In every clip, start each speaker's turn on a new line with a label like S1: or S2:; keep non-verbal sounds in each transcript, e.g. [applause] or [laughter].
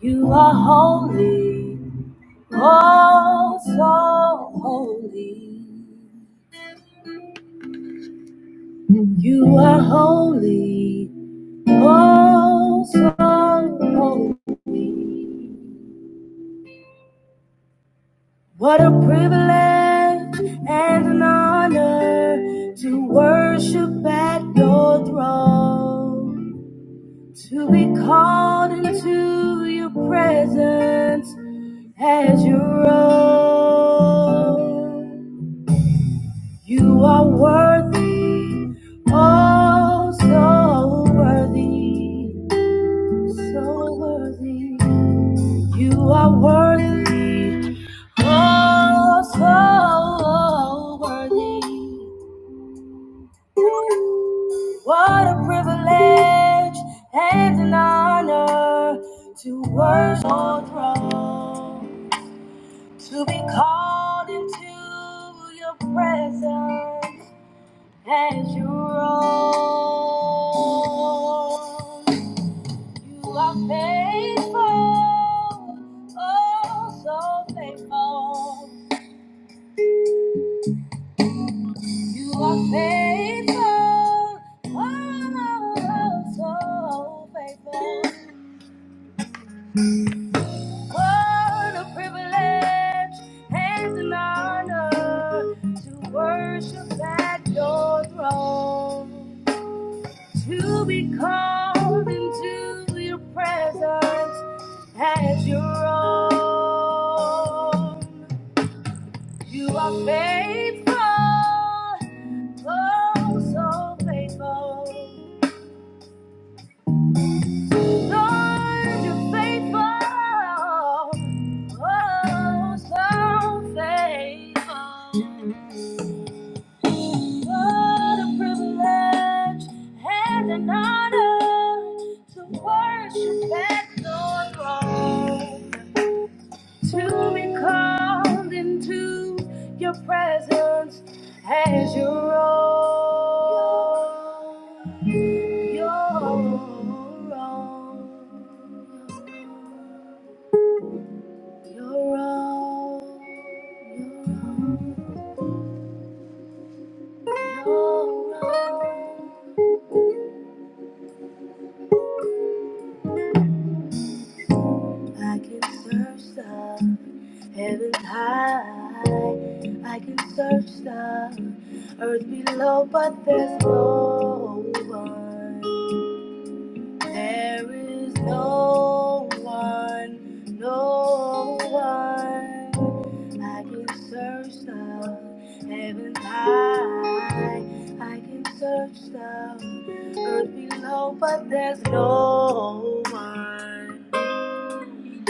S1: You are holy, oh so holy. You are holy, oh so holy. What a privilege and an honor to worship at your throne, to be called into your presence as your own. You are worthy, oh, so worthy, so worthy. You are worthy, oh, so worthy. What a privilege and an honor to worship your throne, to be called into your presence. As you roll, you are faithful, oh so faithful. You are faithful, oh so faithful. What a privilege and an honor to worship at your throne, to be called into your presence as your own. You are faithful, oh, so faithful. Lord, you're faithful. Oh, so faithful. What a privilege and an honor to worship at your throne to be called into your presence as your own. Your own. Your own. Your own. your own. I can search the heavens high. I can search the earth below, but there's no one. There is no one, no one. I can search the heavens high. I can search the earth below, but there's no one.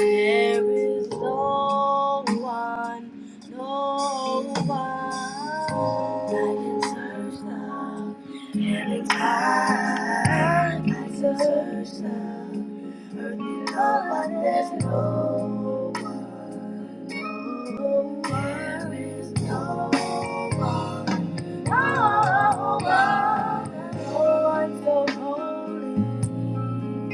S1: There is no one, no one that deserves love. And I search love. Earthly love, but there's no one. No, one. there is no one, no one, no one so holy.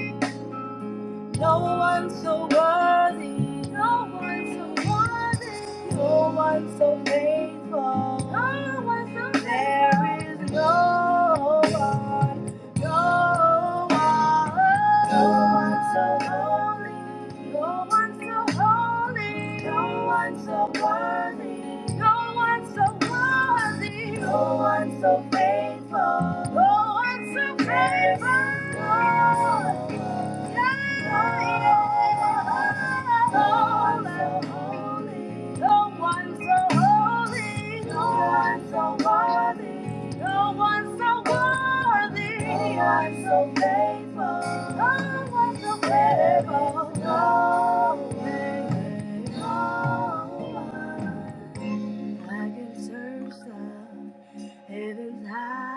S1: No one so worthy. No one so worthy. No one so faithful. No one so faithful. There is no one. No one. No one so holy. No one so holy. No one so worthy. No one so worthy. No one so faithful. No one so faithful. So faithful, No one so faithful, No one, No so so I can search the heavens high.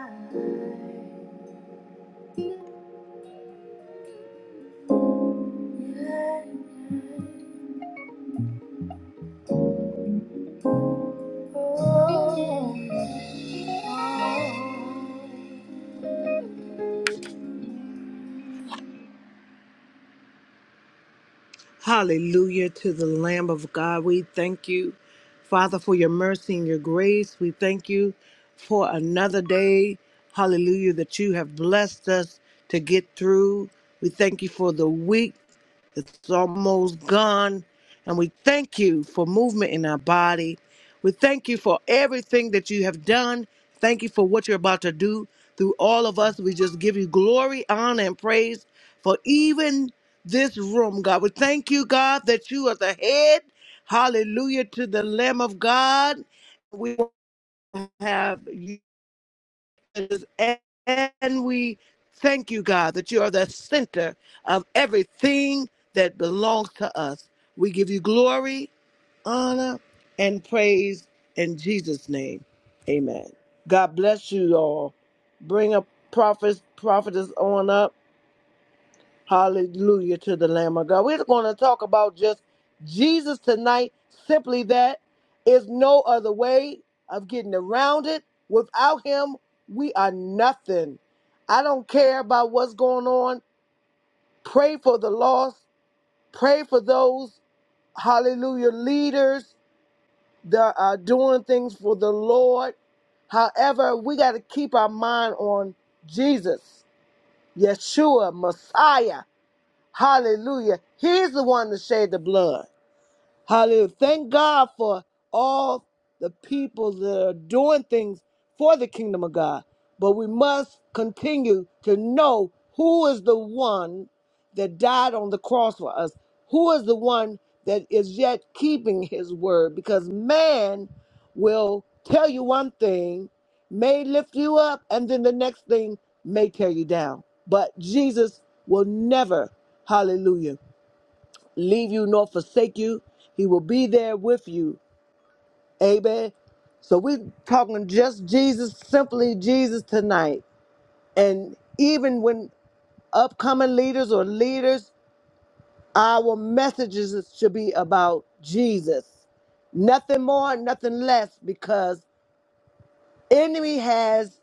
S1: Yeah, yeah. Hallelujah to the Lamb of God. We thank you, Father, for your mercy and your grace. We thank you for another day. Hallelujah, that you have blessed us to get through. We thank you for the week It's almost gone. And we thank you for movement in our body. We thank you for everything that you have done. Thank you for what you're about to do through all of us. We just give you glory, honor, and praise for even this room, God. We thank you, God, that you are the head. Hallelujah to the Lamb of God. We have and we thank you, God, that you are the center of everything that belongs to us. We give you glory, honor, and praise in Jesus' name. Amen. God bless you all. Bring a prophet, prophetess on up. Hallelujah to the Lamb of God. We're going to talk about just Jesus tonight. Simply that is no other way of getting around it. Without him, we are nothing. I don't care about what's going on. Pray for the lost. Pray for those, hallelujah, leaders that are doing things for the Lord. However, we got to keep our mind on Jesus, Yeshua, Messiah. Hallelujah. He's the one that shed the blood. Hallelujah. Thank God for all the people that are doing things for the kingdom of God. But we must continue to know who is the one that died on the cross for us, who is the one that is yet keeping his word, because man will tell you one thing, may lift you up, and then the next thing may tear you down. But Jesus will never, hallelujah leave you nor forsake you. He will be there with you. Amen. So we're talking just Jesus, simply Jesus tonight. And even when upcoming leaders or leaders, our messages should be about Jesus. Nothing more, nothing less, because enemy has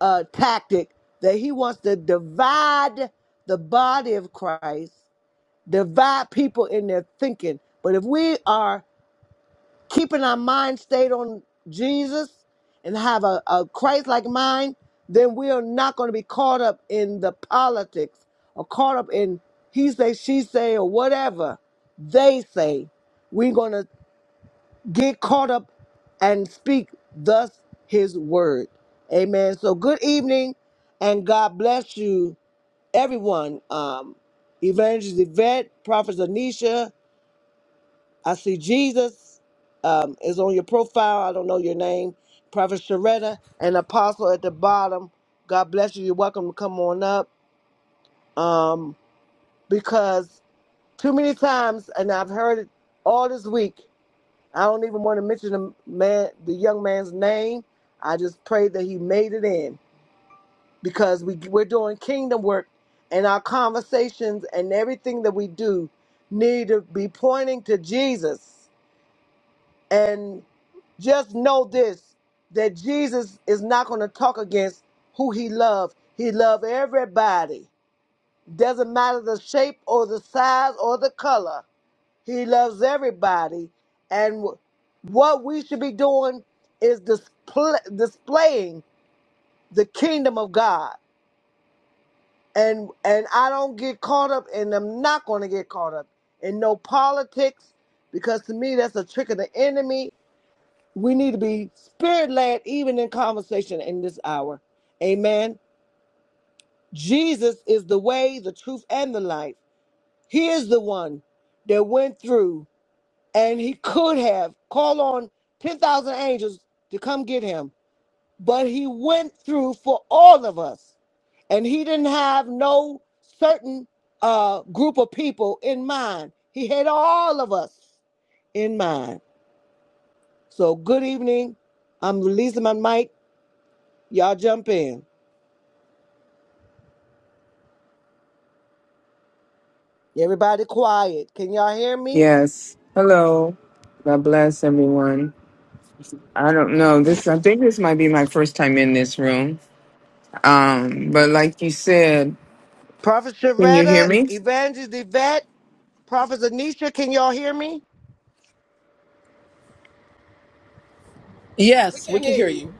S1: a tactic that he wants to divide the body of Christ, divide people in their thinking. But if we are keeping our mind stayed on Jesus and have a, a Christ like mind, then we are not going to be caught up in the politics or caught up in he say, she say, or whatever they say. We're going to get caught up and speak thus his word. Amen. So good evening and God bless you, everyone. Um, Evangelist Yvette, Prophet Anisha, I see Jesus um, is on your profile. I don't know your name. Prophet Sharetta and Apostle at the bottom. God bless you. You're welcome to come on up. Um, because too many times, and I've heard it all this week. I don't even want to mention the man, the young man's name. I just pray that he made it in because we we're doing kingdom work, and our conversations and everything that we do need to be pointing to Jesus And just know this that Jesus is not going to talk against who he loved. He loved everybody. Doesn't matter the shape or the size or the color. He loves everybody. And w- what we should be doing is display, displaying the kingdom of God. And and I don't get caught up and I'm not going to get caught up in no politics because to me that's a trick of the enemy We need to be spirit led even in conversation in this hour. Amen. Jesus is the way, the truth, and the life. He is the one that went through and he could have called on 10,000 angels to come get him, but he went through for all of us. And he didn't have no certain uh, group of people in mind, he had all of us in mind. So, good evening. I'm releasing my mic. Y'all jump in. Everybody quiet. Can y'all hear me?
S2: Yes. Hello. God bless everyone. I don't know. This I think this might be my first time in this room. Um, but like you said,
S1: Prophet
S2: can you hear
S1: Sharetta,
S2: me?
S1: Evangelist Yvette, Prophet Anisha, can y'all hear me?
S3: We
S4: Yes, we
S3: can
S4: can
S3: hear
S4: hear
S3: you.
S4: you.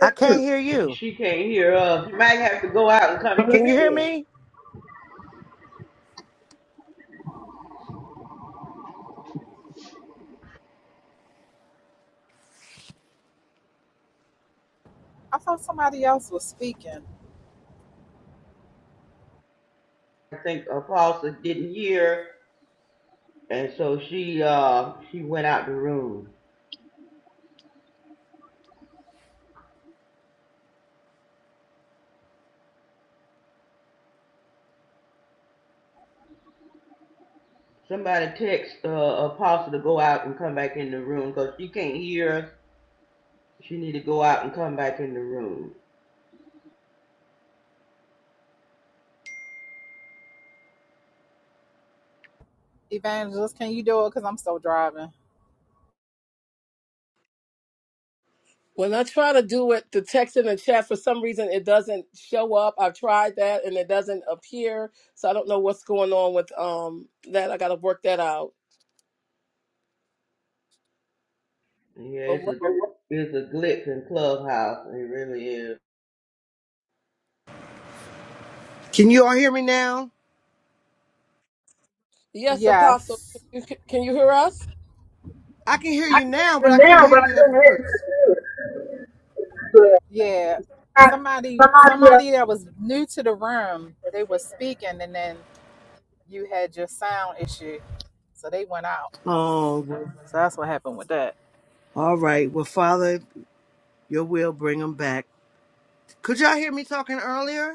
S1: I can't hear you.
S5: She can't hear us. She might have to go out and come back
S1: Can you hear
S5: in.
S1: me?
S3: I thought somebody else was speaking.
S5: I think Apostle didn't hear, and so she uh she went out the room. Somebody text uh, Apostle to go out and come back in the room because she can't hear us. She need to go out and come back in the room.
S3: Evangelist, can you do it? Because I'm still driving.
S4: When I try to do it, the text in the chat, for some reason, it doesn't show up. I've tried that and it doesn't appear. So I don't know what's going on with um that. I got to work that out.
S5: Yeah,
S4: But
S5: it's
S4: what-
S5: a it's a glitch in Clubhouse. It really is.
S1: Can you all hear me now?
S4: yes, Apostle,
S3: Yes.
S4: can you, can you hear us?
S1: I can hear
S5: I
S1: you
S5: can
S1: now,
S5: hear
S1: but
S5: you
S1: I couldn't
S5: now, but
S1: hear
S5: I
S1: you at
S5: couldn't hear
S1: first.
S5: you. before.
S3: Yeah.
S5: Yeah.
S3: Somebody
S5: Somebody, uh,
S3: somebody that was new to the room, they were speaking and then you had your sound issue. So they went out.
S1: Oh, well,
S3: So that's what happened with that.
S1: all right. Well, Father, your will bring them back. Could y'all hear me talking earlier?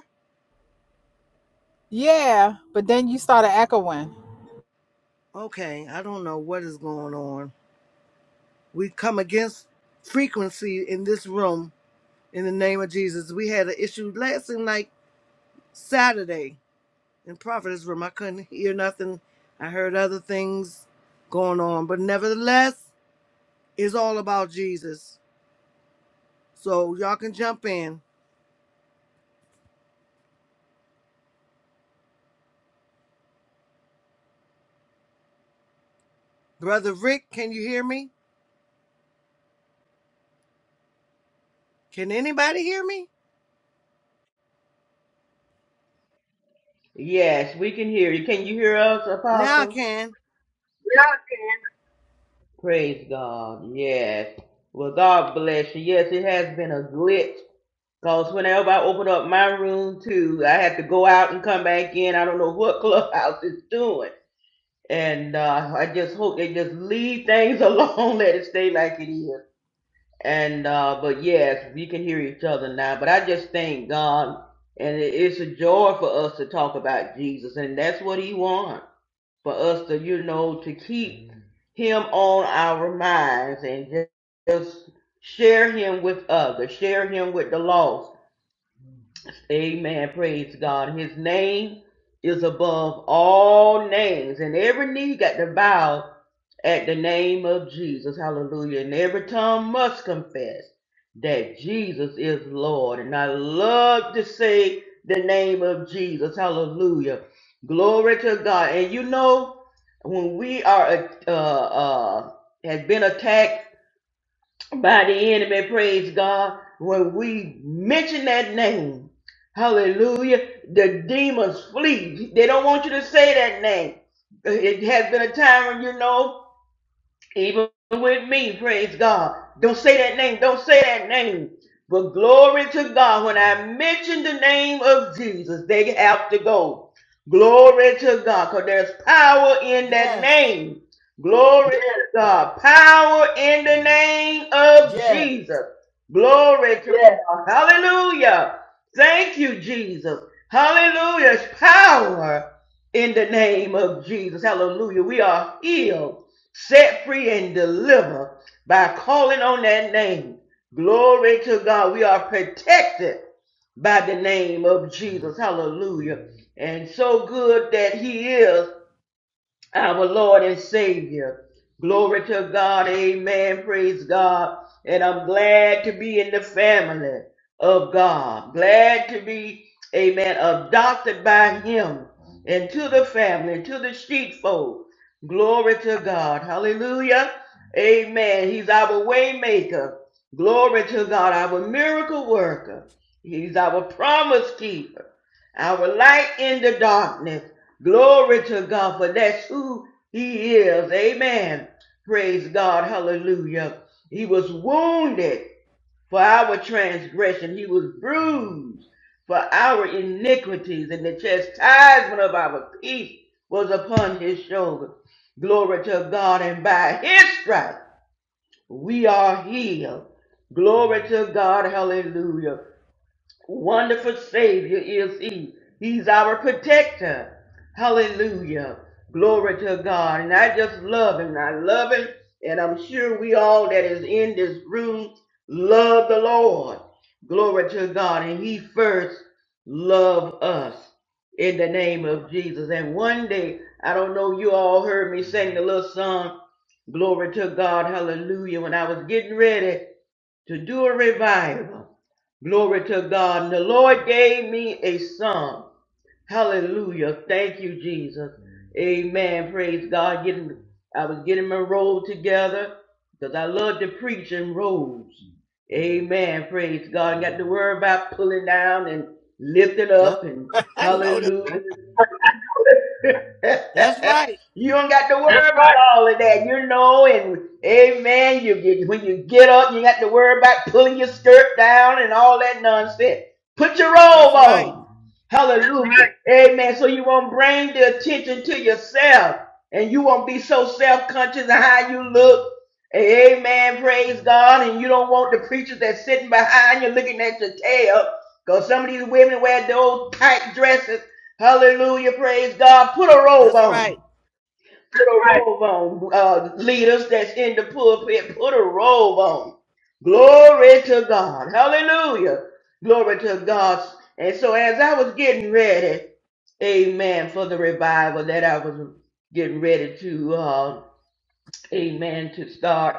S3: Yeah, but then you started echoing.
S1: Okay, I don't know what is going on. We come against frequency in this room in the name of Jesus. We had an issue last night Saturday in Providence room. I couldn't hear nothing. I heard other things going on, but nevertheless, it's all about Jesus. So y'all can jump in. Brother Rick, can you hear me? Can anybody hear me?
S5: Yes, we can hear you. Can you hear us,
S1: Now I
S5: Apostle?
S1: can.
S5: Praise God. Yes. Well, God bless you. Yes, it has been a glitch. Because whenever I open up my room too, I have to go out and come back in. I don't know what [laughs] Clubhouse is doing. And uh, I just hope they just leave things [laughs] alone, let it stay like it is. And uh, but yes, we can hear each other now. But I just thank God, and it- it's a joy for us to talk about Jesus, and that's what He wants for us to, you know, to keep him on our minds and just, just share him with others, share him with the lost. Amen. Praise God. His name is above all names, and every knee got to bow at the name of Jesus. Hallelujah. And every tongue must confess that Jesus is Lord. And I love to say the name of Jesus. Hallelujah. Glory to God. And you know, when we are uh, uh, has been attacked by the enemy. Praise God. When we mention that name, hallelujah, the demons flee. They don't want you to say that name. It has been a time when you know. Even with me, praise God. Don't say that name. Don't say that name. But glory to God. When I mention the name of Jesus, they have to go. Glory to God. Because there's power in that
S1: Yes.
S5: name. Glory to God. Power in the name of
S1: Yes.
S5: Jesus. Glory to Yes. God. Hallelujah. Thank you, Jesus. Hallelujah. It's power in the name of Jesus. Hallelujah. We are healed set free and deliver by calling on that name. Glory to God. We are protected by the name of Jesus. Hallelujah. And so good that He is our Lord and Savior. Glory to God. Amen. Praise God. And I'm glad to be in the family of God. Glad to be, amen, adopted by Him into the family, to the sheepfold. Glory to God. Hallelujah. Amen. He's our waymaker. Glory to God. Our miracle worker. He's our promise keeper. Our light in the darkness. Glory to God, for that's who He is. Amen. Praise God. Hallelujah. He was wounded for our transgression, He was bruised for our iniquities, and the chastisement of our peace was upon His shoulder. Glory to God, and by His stripes we are healed. Glory to God. Hallelujah. Wonderful Savior is He. He's our protector. Hallelujah. Glory to God. And I just love Him. I love Him. And I'm sure we all that is in this room love the Lord. Glory to God. And He first loved us in the name of Jesus. And one day, I don't know, you all heard me sing the little song, Glory to God, Hallelujah, when I was getting ready to do a revival. Glory to God. And the Lord gave me a song. Hallelujah. Thank you, Jesus. Amen. Praise God. Getting, I was getting my roll together because I love to preach in rolls. Amen. Praise God. Got to worry about pulling down and lifting
S1: That-
S5: up and
S1: [laughs] I know that.
S5: hallelujah.
S1: That's right.
S5: [laughs] you don't got to worry That's about Everybody, all of that. You know, and amen. You get when you get up, you got to worry about pulling your skirt down and all that nonsense. Put your robe
S1: That's right.
S5: on. Hallelujah. right. Amen. So you won't bring the attention to yourself and you won't be so self-conscious of how you look. Amen. Praise God. And you don't want the preachers that's sitting behind you looking at your tail. Because some of these women wear those tight dresses Hallelujah. Praise God. Put a robe
S1: That's right.
S5: on. Put a Right. robe on. Uh, leaders that's in the pulpit, put a robe on. Glory to God. Hallelujah. Glory to God. And so as I was getting ready, amen, for the revival that I was getting ready to, uh, amen, to start,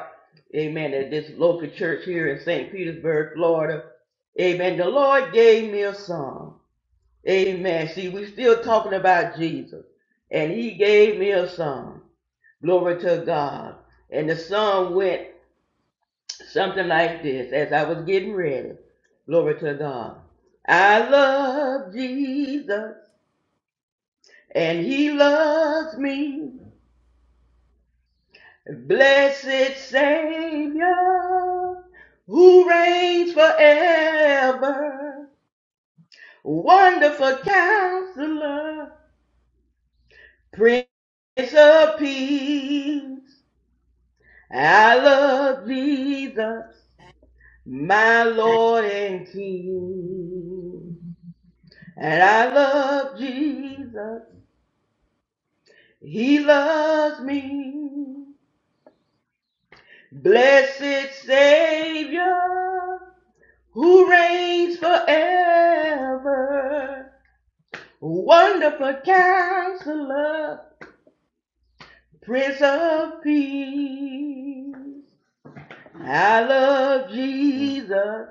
S5: amen, at this local church here in St. Petersburg, Florida, amen, the Lord gave me a song. Amen. See, we still talking about Jesus. And he gave me a song. Glory to God. And the song went something like this as I was getting ready. Glory to God. I love Jesus and he loves me. Blessed Savior who reigns forever. Wonderful counselor, Prince of Peace. I love Jesus, my Lord and King. And I love Jesus, He loves me. Blessed Savior, who reigns forever. Wonderful Counselor, Prince of Peace. I love Jesus.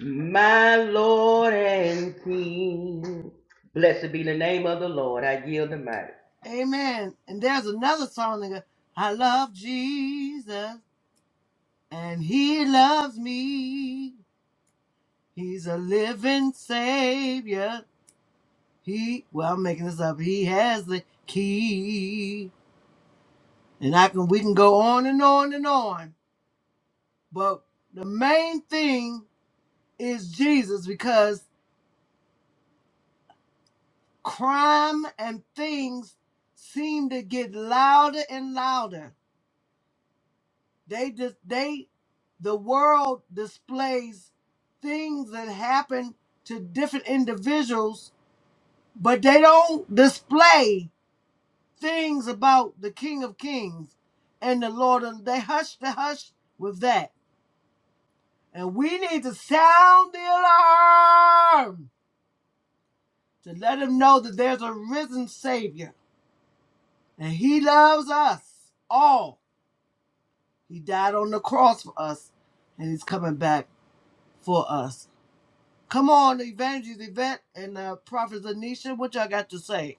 S5: My Lord and King. Blessed be the name of the Lord. I yield the mic.
S1: Amen. And there's another song that goes, I love Jesus and he loves me. He's a living savior. He well, I'm making this up. He has the key, and I can we can go on and on and on. But the main thing is Jesus, because crime and things seem to get louder and louder. They just they the world displays things that happen to different individuals, but they don't display things about the King of Kings and the Lord of they hush the hush with that. And we need to sound the alarm to let him know that there's a risen Savior. And he loves us all. He died on the cross for us, and he's coming back for us. Come on, Evangelist Event and uh, Prophet Anisha, what y'all got to say?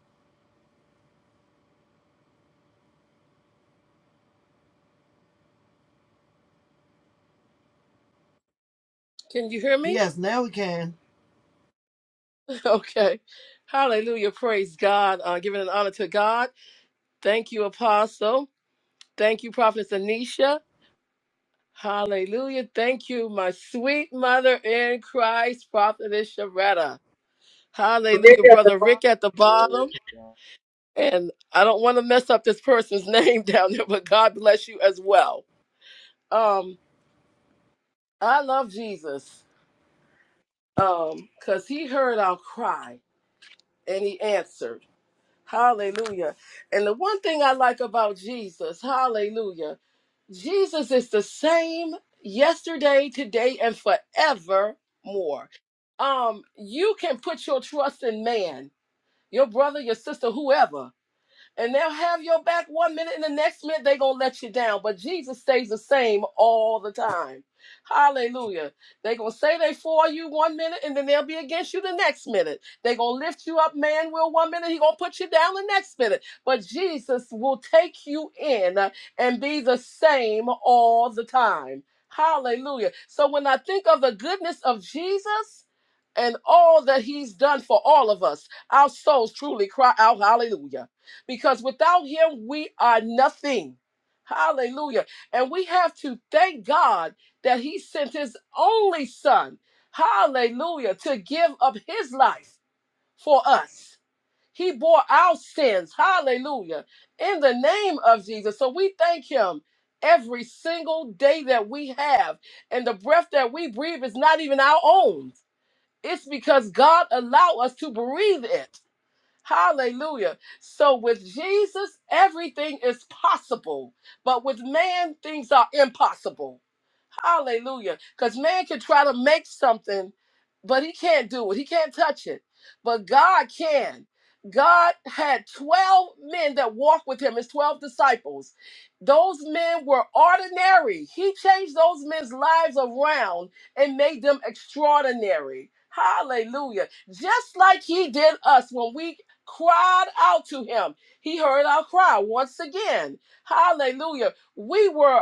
S4: Can you hear me?
S1: Yes, now we can.
S4: [laughs] Okay. Hallelujah. Praise God. Uh, giving an honor to God. Thank you, Apostle. Thank you, Prophetess Anisha. Hallelujah. Thank you, my sweet mother in Christ, Prophetess Sharetta.
S5: Lift
S4: Hallelujah,
S5: up the
S4: brother
S5: bar.
S4: Rick at the bottom. And I don't want to mess up this person's [laughs] name down there, but God bless you as well. Um, I love Jesus um, because he heard our cry and he answered. Hallelujah. And the one thing I like about Jesus, hallelujah, Jesus is the same yesterday, today, and forevermore. Um, you can put your trust in man, your brother, your sister, whoever. and they'll have your back one minute and the next minute they're going to let you down but jesus stays the same all the time hallelujah they're going to say they for you one minute and then they'll be against you the next minute they're going to lift you up man will one minute he going to put you down the next minute but jesus will take you in uh, and be the same all the time hallelujah so when i think of the goodness of jesus and all that he's done for all of us our souls truly cry out hallelujah because without him we are nothing. Hallelujah. And we have to thank God that he sent his only son, hallelujah, to give up his life for us. He bore our sins, hallelujah, in the name of Jesus. So we thank him every single day that we have. And the breath that we breathe is not even our own. It's because God allowed us to breathe it. Hallelujah. So with Jesus, everything is possible, but with man, things are impossible. Hallelujah. Because man can try to make something, but he can't do it. He can't touch it. But God can. God had 12 men that walked with him, his 12 disciples. Those men were ordinary. He changed those men's lives around and made them extraordinary. Hallelujah. Just like he did us when we cried out to him, he heard our cry once again. Hallelujah. We were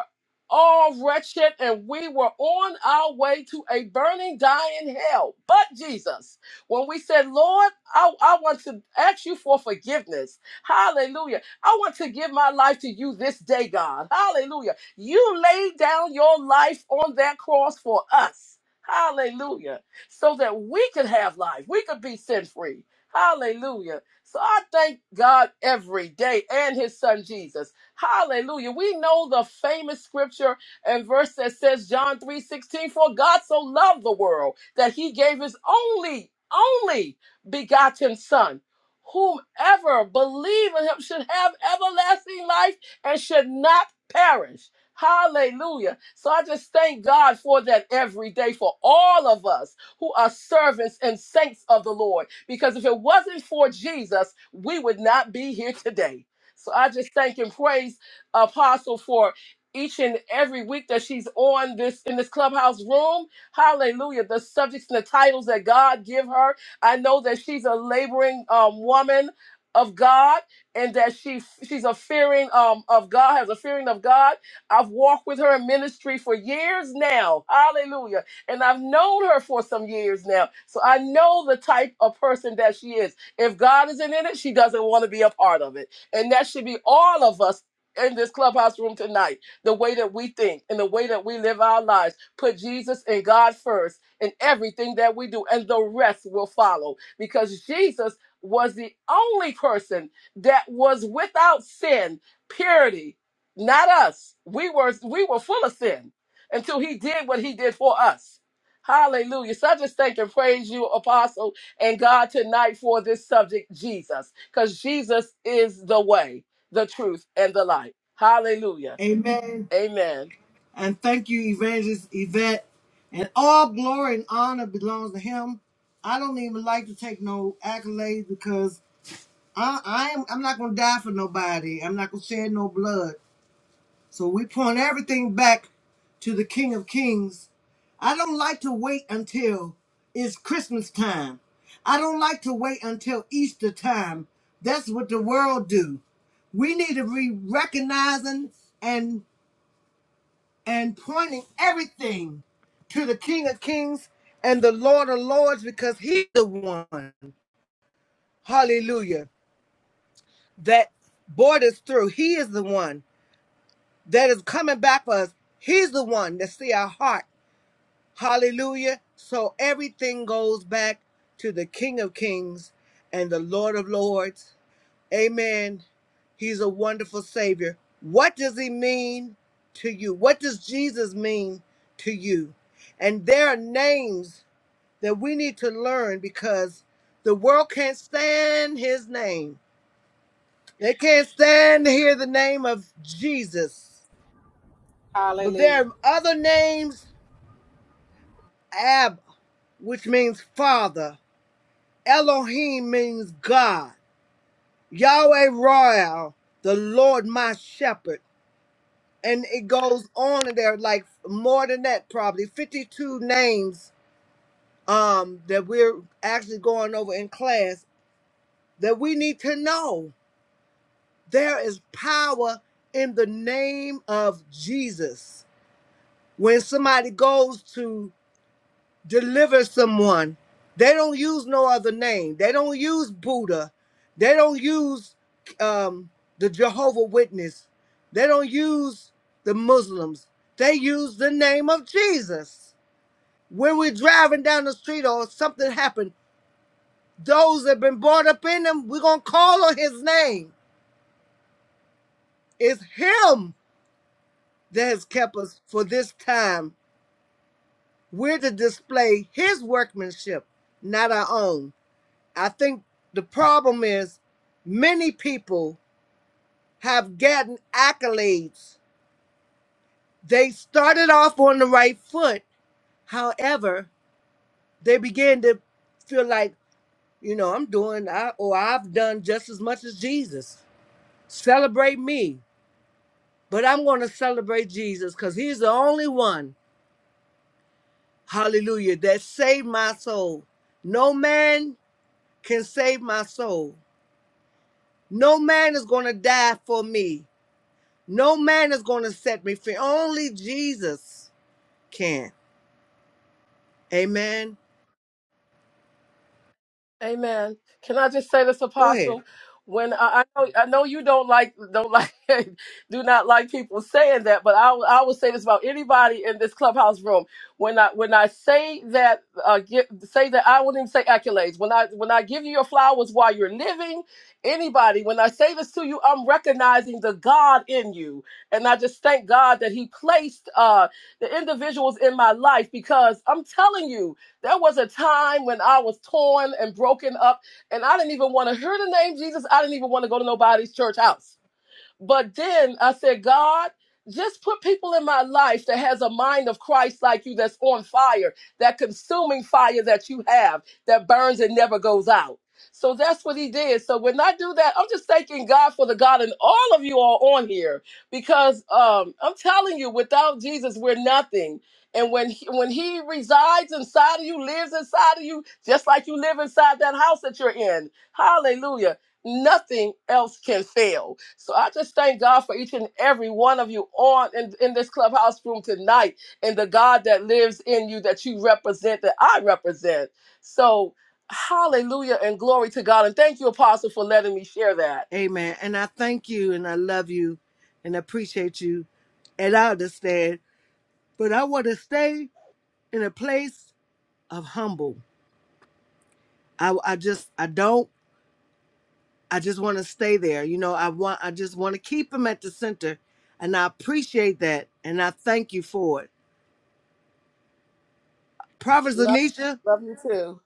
S4: all wretched, and we were on our way to a burning, dying hell. But Jesus, when we said, Lord, I, I want to ask you for forgiveness. Hallelujah. I want to give my life to you this day, God. Hallelujah. You laid down your life on that cross for us. Hallelujah. So that we could have life, we could be sin free. Hallelujah. So I thank God every day and his son Jesus. Hallelujah. We know the famous scripture and verse that says John 3 16, for God so loved the world that he gave his only, only begotten son. Whomever believe in him should have everlasting life and should not perish. Hallelujah. So I just thank God for that every day for all of us who are servants and saints of the Lord. Because if it wasn't for Jesus, we would not be here today. So I just thank and praise Apostle for each and every week that she's on this in this clubhouse room. Hallelujah. The subjects and the titles that God give her. I know that she's a laboring um, woman of God and that she she's a fearing um, of God, has a fearing of God. I've walked with her in ministry for years now. Hallelujah. And I've known her for some years now. So I know the type of person that she is. If God isn't in it, she doesn't want to be a part of it. And that should be all of us in this clubhouse room tonight. The way that we think and the way that we live our lives. Put Jesus and God first in everything that we do, and the rest will follow. Because Jesus was the only person that was without sin, purity, not us. We were we were full of sin until he did what he did for us. Hallelujah. So I just thank and praise you, Apostle and God tonight for this subject, Jesus, because Jesus is the way, the truth, and the light. Hallelujah.
S1: Amen.
S4: Amen.
S1: And thank you, Evangelist Yvette. And all glory and honor belongs to him. I don't even like to take no accolades because I, I am I'm not gonna die for nobody. I'm not gonna shed no blood. So we point everything back to the King of Kings. I don't like to wait until it's Christmas time. I don't like to wait until Easter time. That's what the world do. We need to be recognizing and and pointing everything to the King of Kings and the Lord of Lords because He's the one, hallelujah, that brought us through. He is the one that is coming back for us. He's the one that see our heart, hallelujah. So everything goes back to the King of Kings and the Lord of Lords Amen. He's a wonderful Savior. What does He mean to you? What does Jesus mean to you? And there are names that we need to learn because the world can't stand His name. They can't stand to hear the name of Jesus. But there
S3: Hallelujah.
S1: are other names, Abba, which means Father. Elohim means God. Yahweh Royal, the Lord my shepherd. and it goes on and there are like more than that probably 52 names um that we're actually going over in class that we need to know there is power in the name of jesus when somebody goes to deliver someone. They don't use no other name. They don't use Buddha. They don't use um, the Jehovah Witness. They don't use the Muslims. They use the name of Jesus. When we're driving down the street or something happened, those that have been brought up in them, we're gonna call on His name. It's Him that has kept us for this time. We're to display His workmanship, not our own. I think the problem is many people have gotten accolades. They started off on the right foot. However, they began to feel like, you know, I'm doing I or I've done just as much as Jesus. Celebrate me. But I'm going to celebrate Jesus because he's the only one, hallelujah, that saved my soul. No man can save my soul. No man is going to die for me. No man is going to set me free. Only Jesus can. Amen.
S4: Amen. Can I just say this,
S1: Go ahead.
S4: Apostle? When I, I know I know you don't like don't like [laughs] do not like people saying that, but I will- I will say this about anybody in this clubhouse room. When I when I say that uh, get, say that I wouldn't even say accolades. When I when I give you your flowers while you're living, anybody. When I say this to you, I'm recognizing the God in you, and I just thank God that He placed uh, the individuals in my life because I'm telling you there was a time when I was torn and broken up, and I didn't even want to hear the name Jesus. I didn't even want to go to nobody's church house. But then I said, God, just put people in my life that has a mind of Christ like you that's on fire, that consuming fire that you have that burns and never goes out. So that's what he did. So when I do that, I'm just thanking God for the God and all of you are on here because um, I'm telling you, without Jesus, we're nothing. And when he, when he resides inside of you, lives inside of you, just like you live inside that house that you're in. Hallelujah nothing else can fail. So I just thank God for each and every one of you on in, in this clubhouse room tonight and the God that lives in you that you represent, that I represent. So hallelujah and glory to God. And thank you, Apostle, for letting me share that.
S1: Amen. And I thank you and I love you and I appreciate you and I understand. But I want to stay in a place of humble. I, I just, I don't, I just want to stay there. You know, I want, I just want to keep him at the center. And I appreciate that. And I thank you for it. Prophet
S4: Love,
S1: Zanisha,
S4: love you too.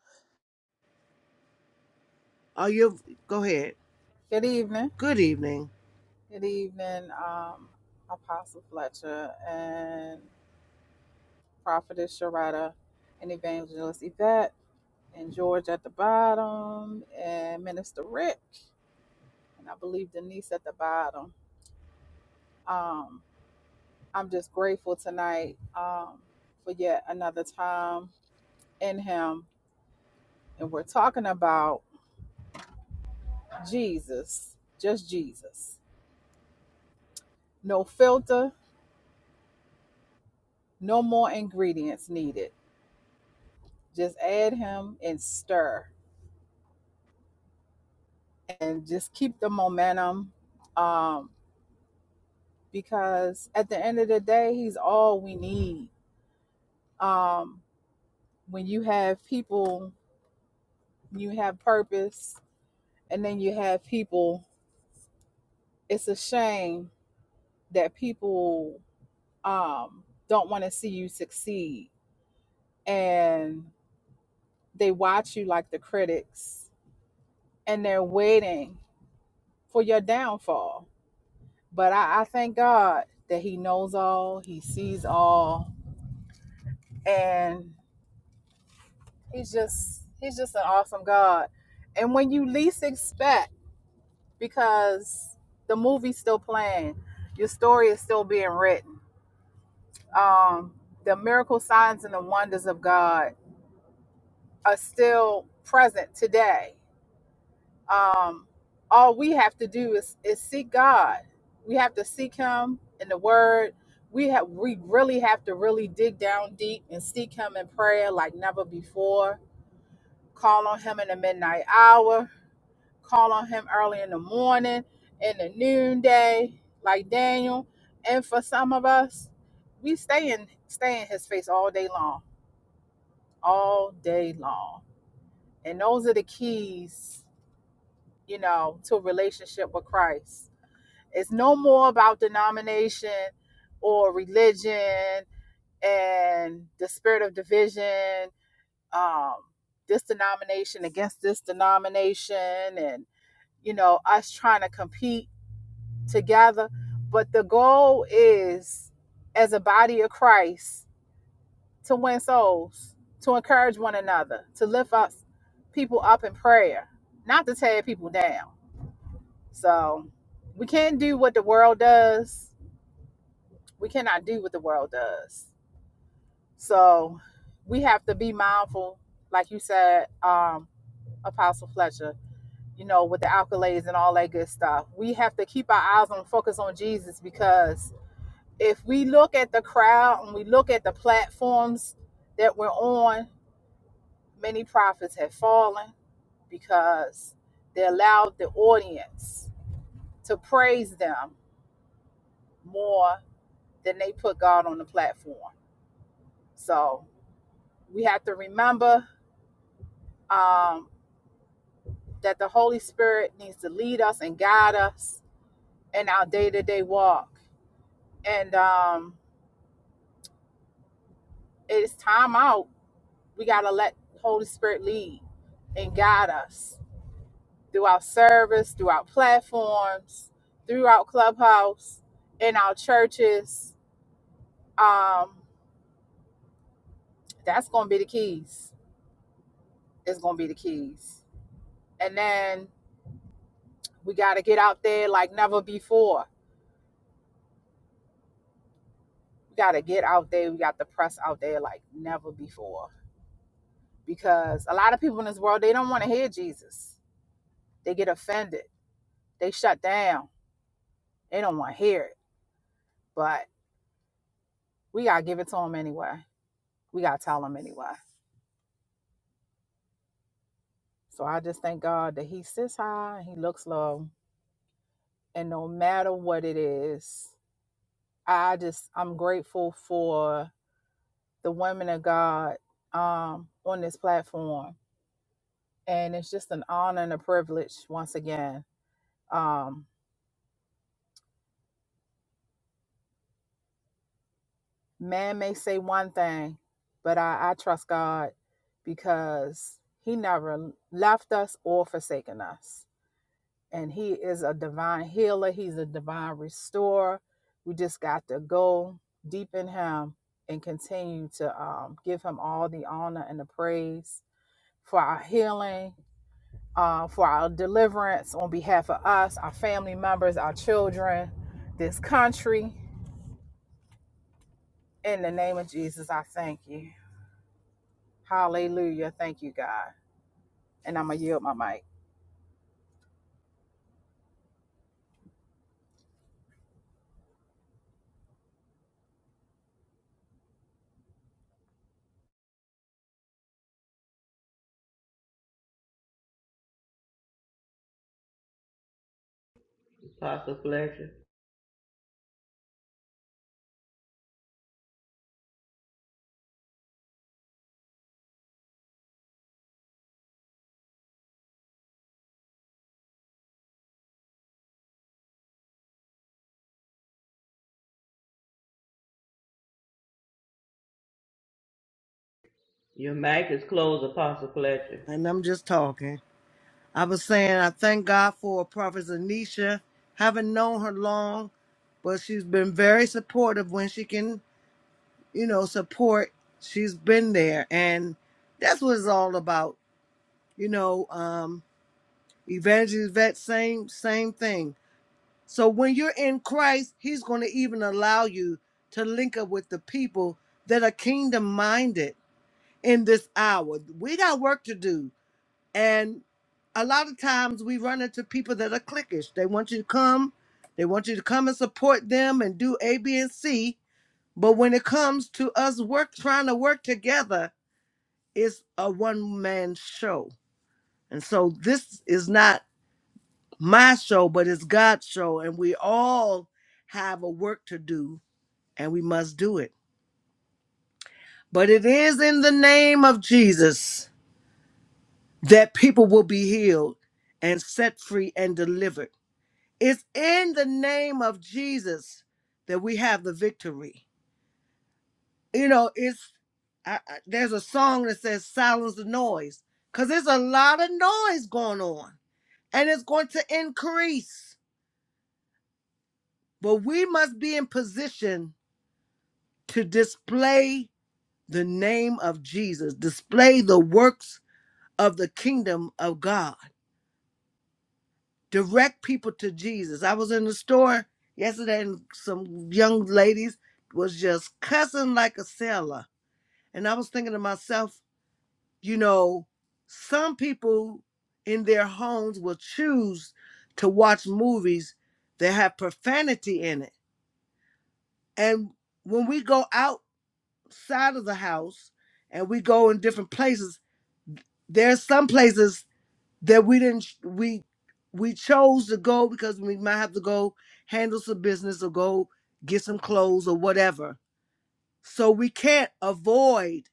S1: are you, go ahead.
S3: Good evening.
S1: Good evening.
S3: Good evening, um, Apostle Fletcher and Prophetess Sharada and Evangelist Yvette. and George at the bottom, and Minister Rick, and I believe Denise at the bottom. Um, I'm just grateful tonight um, for yet another time in Him. And we're talking about Jesus, just Jesus. No filter, no more ingredients needed. Just add Him and stir and just keep the momentum um, because at the end of the day, He's all we need. Um, when you have people, you have purpose, and then you have people. It's a shame that people um, don't want to see you succeed, and they watch you like the critics, and they're waiting for your downfall. But I, I thank God that He knows all, He sees all, and He's just He's just an awesome God. And when you least expect because the movie's still playing. Your story is still being written. Um, the miracle signs and the wonders of God are still present today. Um, all we have to do is, is seek God. We have to seek Him in the Word. We have we really have to really dig down deep and seek Him in prayer like never before. Call on Him in the midnight hour call on him early in the morning, in the noonday, like Daniel. And for some of us, we stay in stay in his face all day long. All day long. And those are the keys, you know, to a relationship with Christ. It's no more about denomination or religion and the spirit of division, um, this denomination against this denomination and you know, us trying to compete together. But the goal is, as a body of Christ, to win souls, to encourage one another, to lift up people up in prayer, not to tear people down. So we can't do what the world does. We cannot do what the world does. So we have to be mindful, like you said, um, Apostle Fletcher, you know, with the accolades and all that good stuff. We have to keep our eyes on focus on Jesus because if we look at the crowd and we look at the platforms that we're on, many prophets have fallen because they allowed the audience to praise them more than they put God on the platform. So we have to remember um, that the Holy Spirit needs to lead us and guide us in our day to day walk. And um, it's time out. We got to let the Holy Spirit lead and guide us Throughout service, throughout platforms, throughout Clubhouse, in our churches. Um, that's going to be the keys. It's going to be the keys. And then we got to get out there like never before. We got to get out there. We got to press out there like never before. Because a lot of people in this world, they don't want to hear Jesus. They get offended. They shut down. They don't want to hear it. But we got to give it to them anyway. We got to tell them anyway. So I just thank God that He sits high and He looks low. And no matter what it is, I just, I'm grateful for the women of God um, on this platform. And it's just an honor and a privilege once again. Um, man may say one thing, but I, I trust God because He never left us or forsaken us. and he is a divine healer he's a divine restorer we just got to go deep in him and continue to um, give him all the honor and the praise for our healing uh, for our deliverance on behalf of us our family members our children this country in the name of jesus i thank you hallelujah thank you god and i'm gonna yield my mic
S5: Apostle Fletcher. Your mic is closed, Apostle Fletcher.
S1: And I'm just talking. I was saying I thank God for Prophet Anisha. Haven't known her long, but she's been very supportive when she can, you know, support. She's been there, and that's what it's all about, you know. Um, Evangelist Vet, same same thing. So when you're in Christ, He's going to even allow you to link up with the people that are kingdom minded in this hour. We got work to do And a lot of times we run into people that are cliquish. They want you to come, they want you to come and support them and do A, B, and C. But when it comes to us work trying to work together, it's a one man show. And so this is not my show, but it's God's show. And we all have a work to do and we must do it. But it is in the name of Jesus that people will be healed and set free and delivered It's in the name of Jesus that we have the victory. You know, it's I, I- there's a song that says silence the noise because there's a lot of noise going on and it's going to increase. But we must be in position to display the name of Jesus, display the works of the kingdom of God. direct people to Jesus. I was in the store yesterday and some young ladies was just cussing like a sailor. And I was thinking to myself, you know, some people in their homes will choose to watch movies that have profanity in it. And when we go outside of the house and we go in different places, there's some places that we didn't we we chose to go because we might have to go handle some business or go get some clothes or whatever so we can't avoid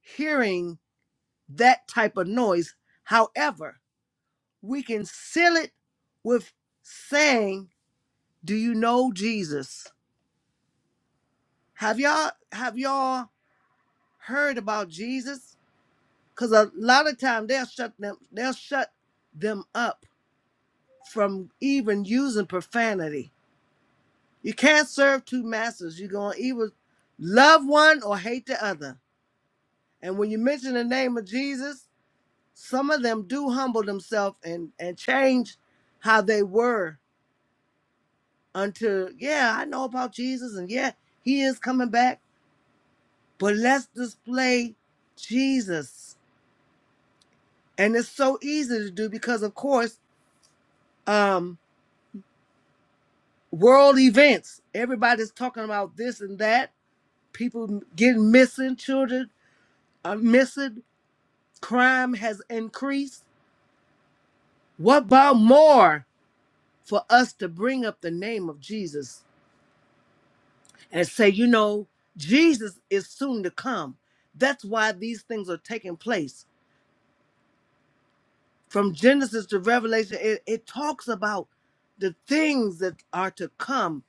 S1: hearing that type of noise however we can seal it with saying do you know jesus have y'all have y'all heard about jesus because a lot of time they'll shut them they'll shut them up from even using profanity You can't serve two masters. You're going to either love one or hate the other. And when you mention the name of Jesus, some of them do humble themselves and, and change how they were until, yeah, I know about Jesus and yeah, he is coming back, but let's display Jesus. And it's so easy to do because, of course, um, world events, everybody's talking about this and that, people getting missing, children are missing crime has increased. What about more for us to bring up the name of Jesus and say, you know, Jesus is soon to come? That's why these things are taking place. From Genesis to Revelation, it, it talks about the things that are to come.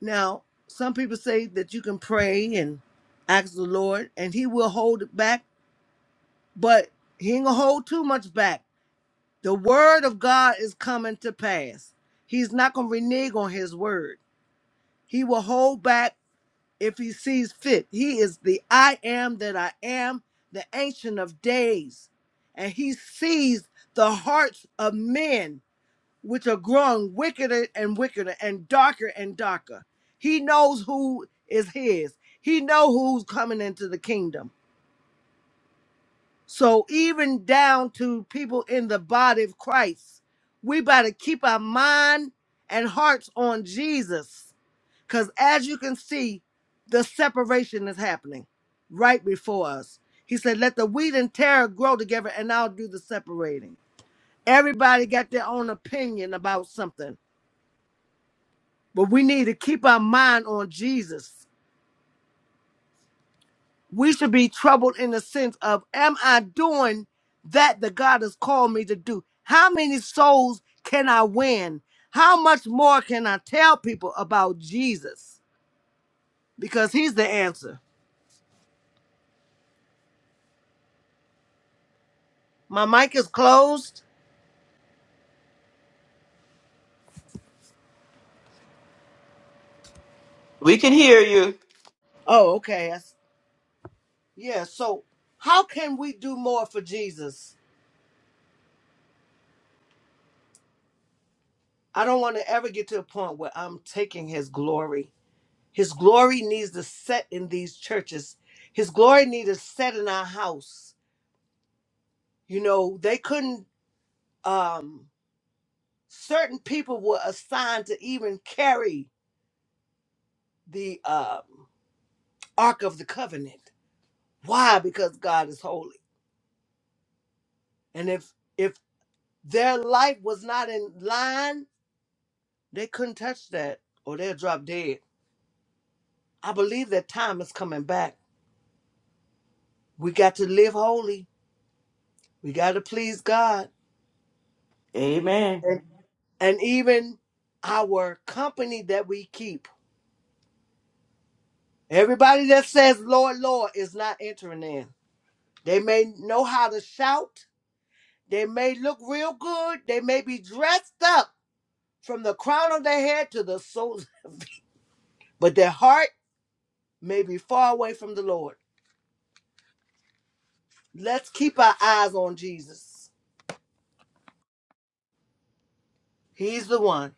S1: Now, some people say that you can pray and ask the Lord and he will hold it back, but he ain't gonna hold too much back The word of God is coming to pass. He's not going to renege on his word. He will hold back if he sees fit. He is the I am that I am, the ancient of days. And he sees the hearts of men, which are growing wickeder and wickeder and darker and darker. He knows who is his. He knows who's coming into the kingdom. So even down to people in the body of Christ, we better keep our mind and hearts on Jesus. Because as you can see, the separation is happening right before us. He said, Let the wheat and tare grow together, and I'll do the separating. Everybody got their own opinion about something, but we need to keep our mind on Jesus we should be troubled in the sense of am i doing that the god has called me to do how many souls can i win how much more can i tell people about jesus because he's the answer my mic is closed
S5: We can hear you.
S1: oh okay I s- yeah so how can we do more for jesus i don't want to ever get to a point where i'm taking his glory his glory needs to set in these churches his glory needs to set in our house you know they couldn't um, certain people were assigned to even carry the um, Ark of the Covenant. Why? Because God is holy, and if if their life was not in line, they couldn't touch that, or they'll drop dead. I believe that time is coming back. We got to live holy. We got to please God,
S5: Amen.
S1: and and even our company that we keep. Everybody that says "Lord, Lord" is not entering in. They may know how to shout, They may look real good. They may be dressed up from the crown of their head to the soles, [laughs] but their heart may be far away from the Lord. Let's keep our eyes on Jesus. He's the one.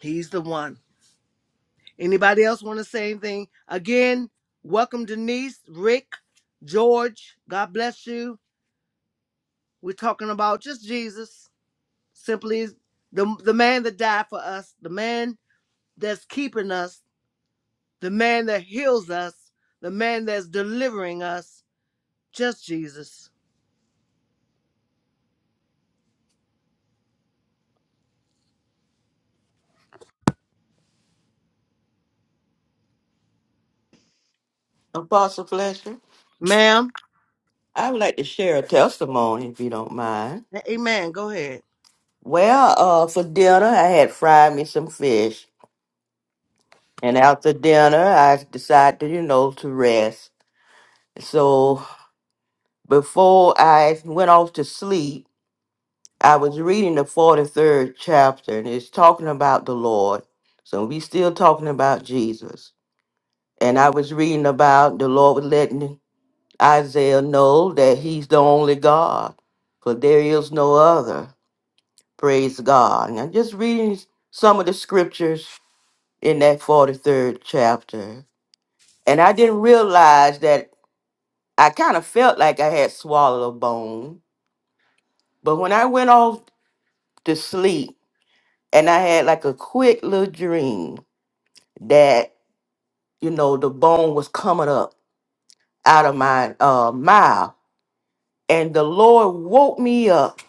S1: He's the one. Anybody else want to say anything? Again, welcome Denise, Rick, George. God bless you. We're talking about just Jesus, simply the the man that died for us, the man that's keeping us, the man that heals us, the man that's delivering us, just Jesus.
S5: Apostle Fletcher,
S1: Ma'am,
S5: I would like to share a testimony if you don't mind.
S1: amen. Go ahead.
S5: Well, uh, for dinner, I had fried me some fish. And after dinner, I decided, you know, to rest. So before I went off to sleep, I was reading the 43rd chapter and it's talking about the Lord. So we still talking about Jesus. And I was reading about the Lord was letting Isaiah know that he's the only God, for there is no other. Praise God. And I'm just reading some of the scriptures in that 43rd chapter. And I didn't realize that I kind of felt like I had swallowed a bone. But when I went off to sleep, and I had like a quick little dream that you know the bone was coming up out of my uh mouth, and the Lord woke me up.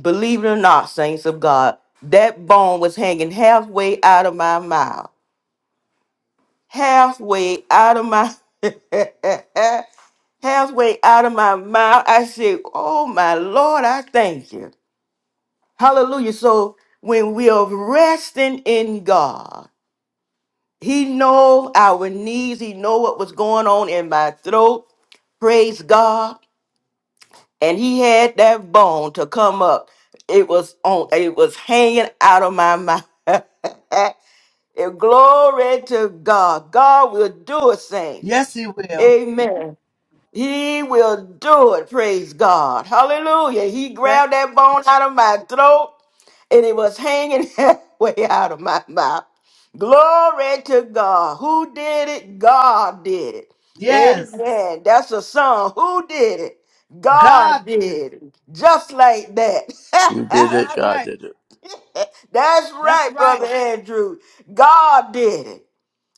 S5: Believe it or not, saints of God, that bone was hanging halfway out of my mouth, halfway out of my. [laughs] Halfway out of my mouth, I said, Oh my Lord, I thank you. Hallelujah. So when we are resting in God, He know our needs. He know what was going on in my throat. Praise God. And he had that bone to come up. It was on it was hanging out of my mouth. [laughs] and glory to God. God will do it, saints.
S1: Yes, he will.
S5: Amen. He will do it. Praise God. Hallelujah. He
S1: Thank-
S5: grabbed that bone out of my throat and it was hanging [laughs] halfway out of my mouth. Glory to God. Who did it? God did it. Amen.
S1: yes,
S5: Yes. That's a song. Who did it? God
S1: God
S5: did
S1: did it.
S5: it. Just like that.
S6: You did
S5: [laughs]
S6: it.
S1: That's
S6: God
S1: right.
S6: did it.
S5: That's
S1: That's
S5: right, Brother
S1: right.
S5: Andrew. God did it.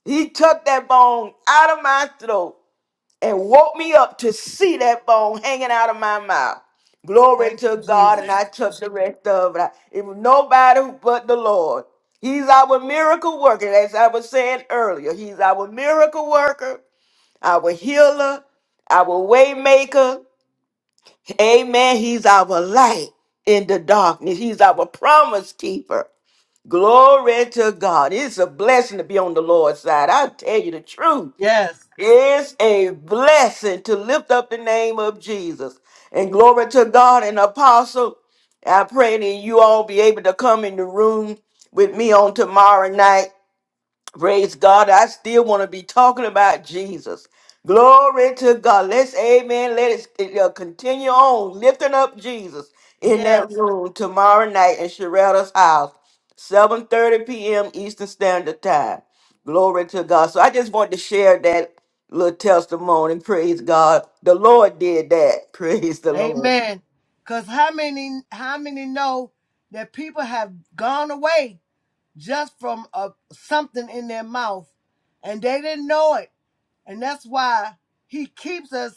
S5: He took that bone out of my throat and woke me up to see that bone hanging out of my mouth. Glory
S1: Thank you,
S5: to God, and
S1: Jesus.
S5: I took the rest of it. I- It was nobody but the Lord. He's our miracle worker, as I was saying earlier. He's our miracle worker, our healer, our way maker. Amen. He's our light in the darkness. He's our promise keeper. Glory to God. It's a blessing to be on the Lord's side. I tell you the truth.
S1: Yes,
S5: It's a blessing to lift up the name of Jesus. And glory to God and Apostle. I pray that you all be able to come in the room with me on tomorrow night Praise God. I still want to be talking about Jesus. Glory to God. Let's, amen. Let us uh, continue on lifting up Jesus in that
S1: yes,
S5: room tomorrow night in Sherelda's house, 7.30 p.m. Eastern Standard Time. Glory to God. So I just wanted to share that little testimony. Praise God. The Lord did that. [laughs] Praise the Lord.
S1: Amen. Cause how many, how many know that people have gone away just from a, something in their mouth, and they didn't know it, and that's why He keeps us.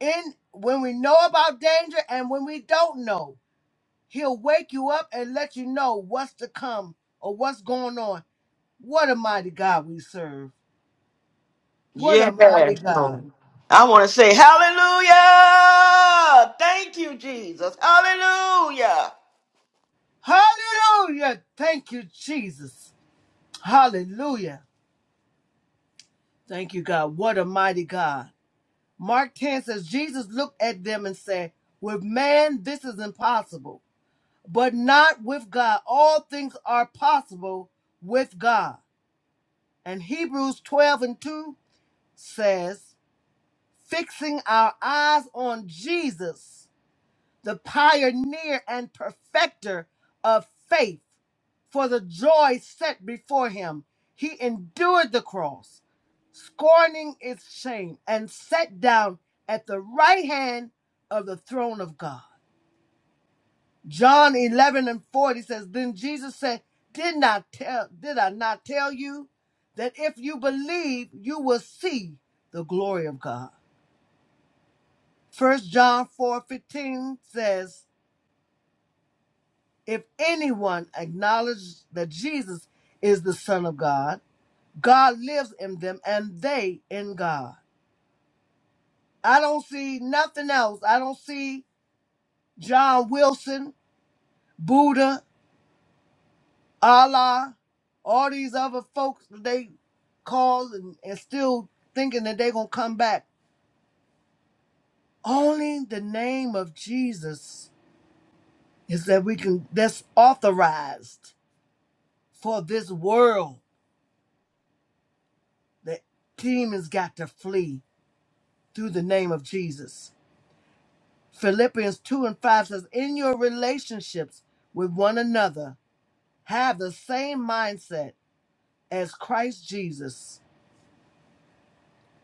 S1: in when we know about danger and when we don't know. He'll wake you up and let you know what's to come or what's going on. What a mighty God we serve. What a
S5: Yes.
S1: mighty God.
S5: Lord. I want to say hallelujah. Thank you, Jesus. Hallelujah.
S1: Hallelujah. Thank you, Jesus. Hallelujah. Thank you, God. What a mighty God. Mark 10 says, Jesus looked at them and said, With man, this is impossible, but not with God. All things are possible with God. And Hebrews 12 and 2 says, fixing our eyes on Jesus, the pioneer and perfecter of faith, for the joy set before him, he endured the cross, scorning its shame, and sat down at the right hand of the throne of God. John 11 and 40 says, Then Jesus said, did not tell did I not tell you that if you believe you will see the glory of God. First John 4:15 says, "If anyone acknowledges that Jesus is the Son of God, God lives in them and they in God." I don't see nothing else. I don't see John Wilson, Buddha, Allah, all these other folks that they call and, and still thinking that they're gonna come back. Only the name of Jesus is that we can that's authorized for this world. The demons got to flee through the name of Jesus. Philippians 2 and 5 says, In your relationships with one another, have the same mindset as Christ Jesus.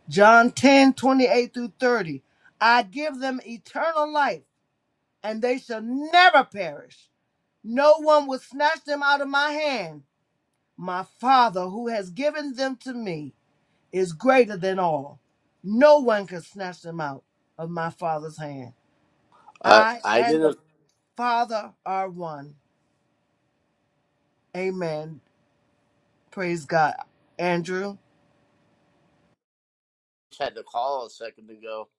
S1: John 10 28 through 30. I give them eternal life, and they shall never perish. No one will snatch them out of my hand. My Father, who has given them to me, is greater than all. No one can snatch them out of my Father's hand.
S6: I
S1: I
S6: I
S1: and the
S6: didn't
S1: Father are one. Amen. Praise God. Andrew,
S6: had to call a second ago.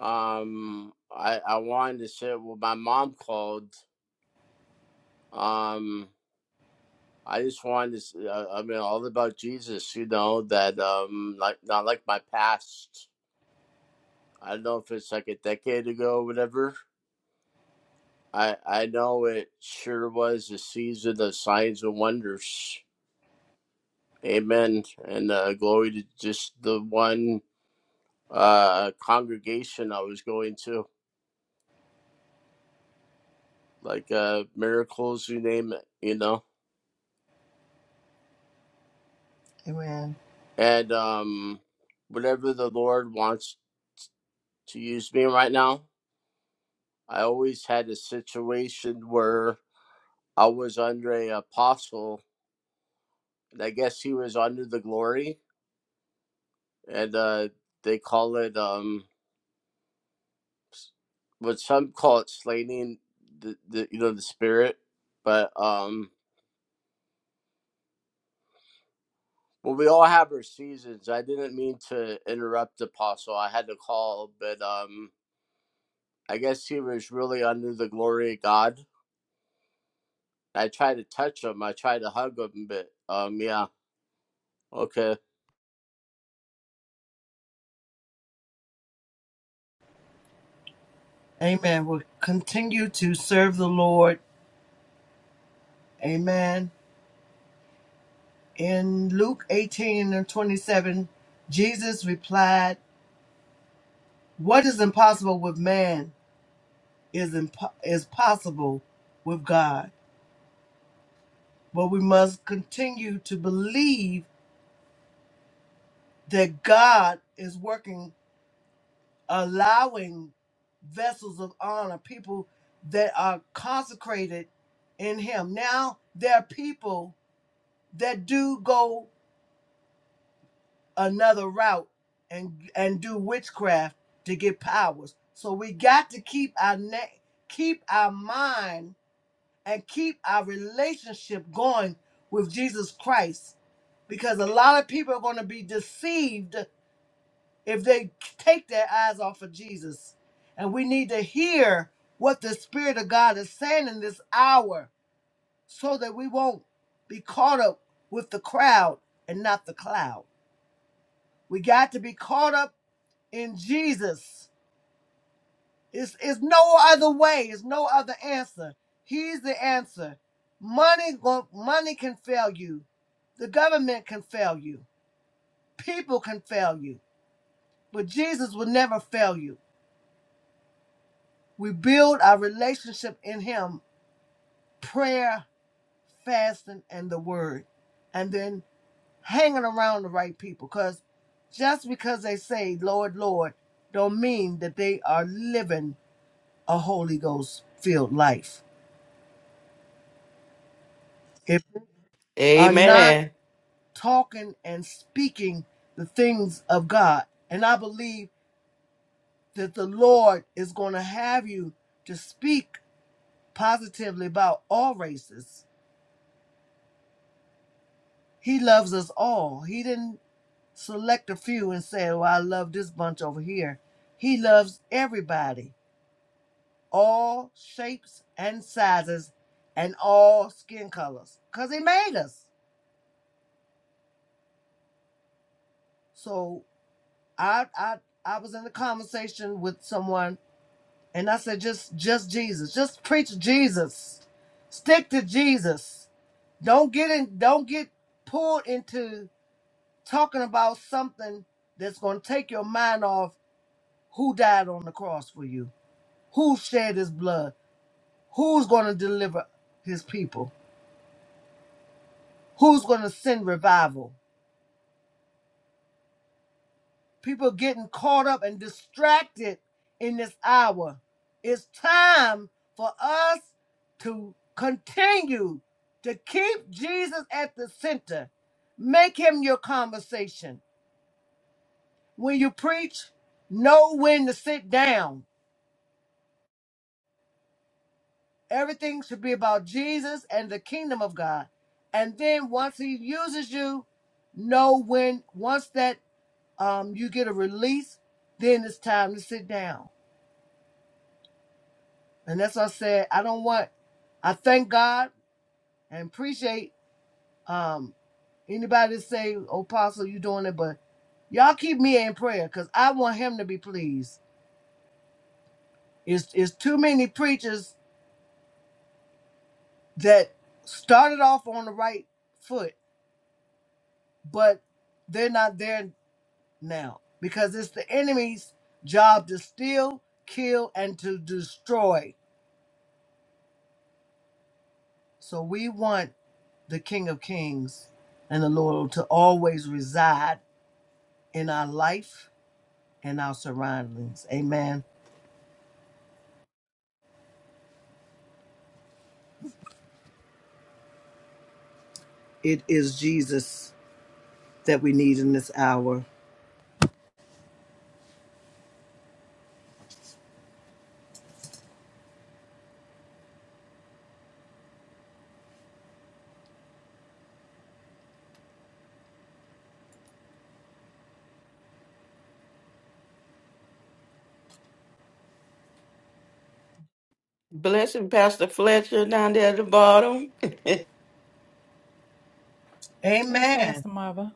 S6: Um, I I wanted to share. Well, my mom called. Um, I just wanted to. s- Uh, I mean, all about Jesus. You know that. Um, like not like my past. I don't know if it's like a decade ago or whatever. I I know it sure was a season of signs and wonders. Amen. And uh, glory to just the one uh congregation I was going to. like uh miracles you name it you know
S1: amen.
S6: and um whatever the lord wants to use me right now i always had a situation where i was under a apostle and i guess he was under the glory and uh they call it um what some call it slaying the, the you know the spirit but um well, we all have our seasons. I didn't mean to interrupt the Apostle. I had to call, but um, I guess he was really under the glory of God. I tried to touch him. I tried to hug him, but um, yeah, okay.
S1: Amen. We'll continue to serve the Lord. Amen. In Luke 18 and 27, Jesus replied, What is impossible with man is, impo- is possible with God. But we must continue to believe that God is working allowing vessels of honor, people that are consecrated in Him. Now there are people that do go another route and and do witchcraft to get powers. So we got to keep our neck, keep our mind, and keep our relationship going with Jesus Christ, because a lot of people are going to be deceived if they take their eyes off of Jesus. And we need to hear what the Spirit of God is saying in this hour so that we won't be caught up with the crowd and not the cloud. We got to be caught up in Jesus. It's, it's no other way, it's no other answer. He's the answer. Money, gon- money can fail you, the government can fail you, people can fail you, but Jesus will never fail you. We build our relationship in Him, prayer, fasting, and the Word, and then hanging around the right people. Because just because they say "Lord, Lord," don't mean that they are living a Holy Ghost filled life. If they are not
S5: Amen.
S1: talking and speaking the things of God, and I believe that the Lord is going to have you to speak positively about all races. He loves us all. He didn't select a few and say, "Oh, I love this bunch over here." He loves everybody, all shapes and sizes, and all skin colors, cause He made us. So I, I, I was in a conversation with someone, and I said, "Just, just Jesus, just preach Jesus, stick to Jesus. Don't get in, don't get pulled into talking about something that's gonna take your mind off who died on the cross for you." Who shed his blood? Who's going to deliver his people? Who's going to send revival? People getting caught up and distracted in this hour. It's time for us to continue to keep Jesus at the center. Make him your conversation. When you preach, know when to sit down Everything should be about Jesus and the kingdom of God. And then once he uses you, know when once that um you get a release, then it's time to sit down. And that's what I said. I don't want I thank God and appreciate um anybody that say, Oh Apostle, you doing it, but y'all keep me in prayer because I want him to be pleased. It's it's too many preachers that started off on the right foot, but they're not there. now because it's the enemy's job to steal, kill, and to destroy. So we want the King of Kings and the Lord to always reside in our life and our surroundings. Amen. It is Jesus that we need in this hour.
S5: Blessing Pastor Fletcher down there at the bottom. [laughs]
S3: hey
S1: Amen.
S3: pastor mother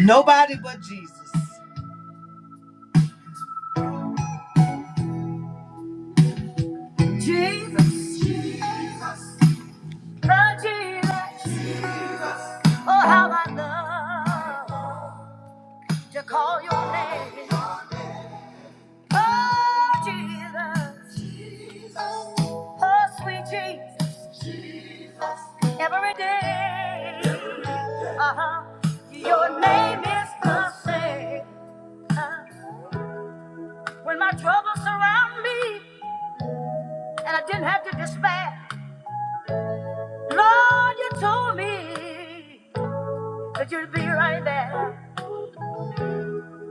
S1: Nobody but Jesus. Jesus. Jesus. The Jesus. Jesus. Oh, how I love. to call your name. Oh, Jesus. Oh, sweet Jesus. Every day. Uh-huh. Your name is the same. Uh, When my troubles surround me and I didn't have to despair, Lord, you told me that you'd be right there.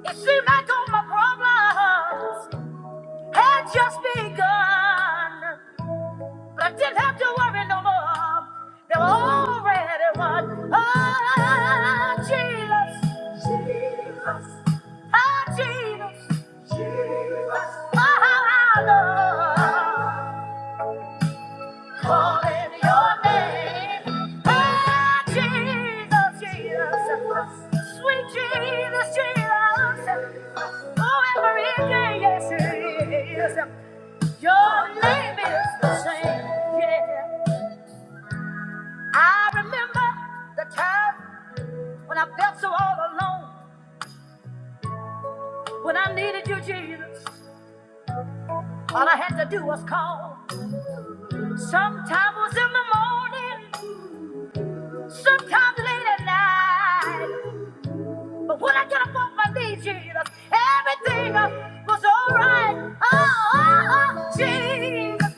S1: It seemed like all my problems had just begun. I didn't have to worry no more. They were already won. Oh, Jesus. Jesus. Oh, Jesus. Jesus. Oh, how I love calling your name. Oh, Jesus, Jesus. Sweet Jesus, Jesus. Oh, every day, yes, it is. Your name is the same. Yeah. I remember the time when I felt so all alone, when I needed you, Jesus. All I had to do was call. Sometimes it was in the morning, sometimes late at night. But when I got up off my knees, Jesus, everything uh, was all right. Oh, oh, oh Jesus,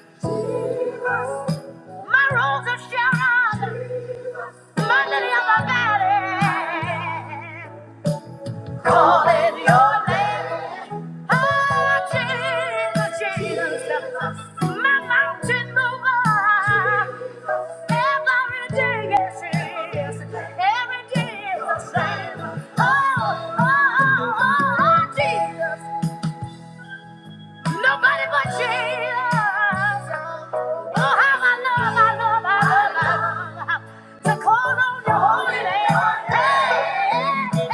S1: my rose of Sharon, my lily of the valley. Calling your name. Oh, Jesus, Jesus, my mountain mover. Every day, yes, it is. Every day is the same. Oh, oh, oh, oh, Jesus. Nobody but Jesus. Oh, how I love, I love, I love, I love to call on your holy name. Hey, hey,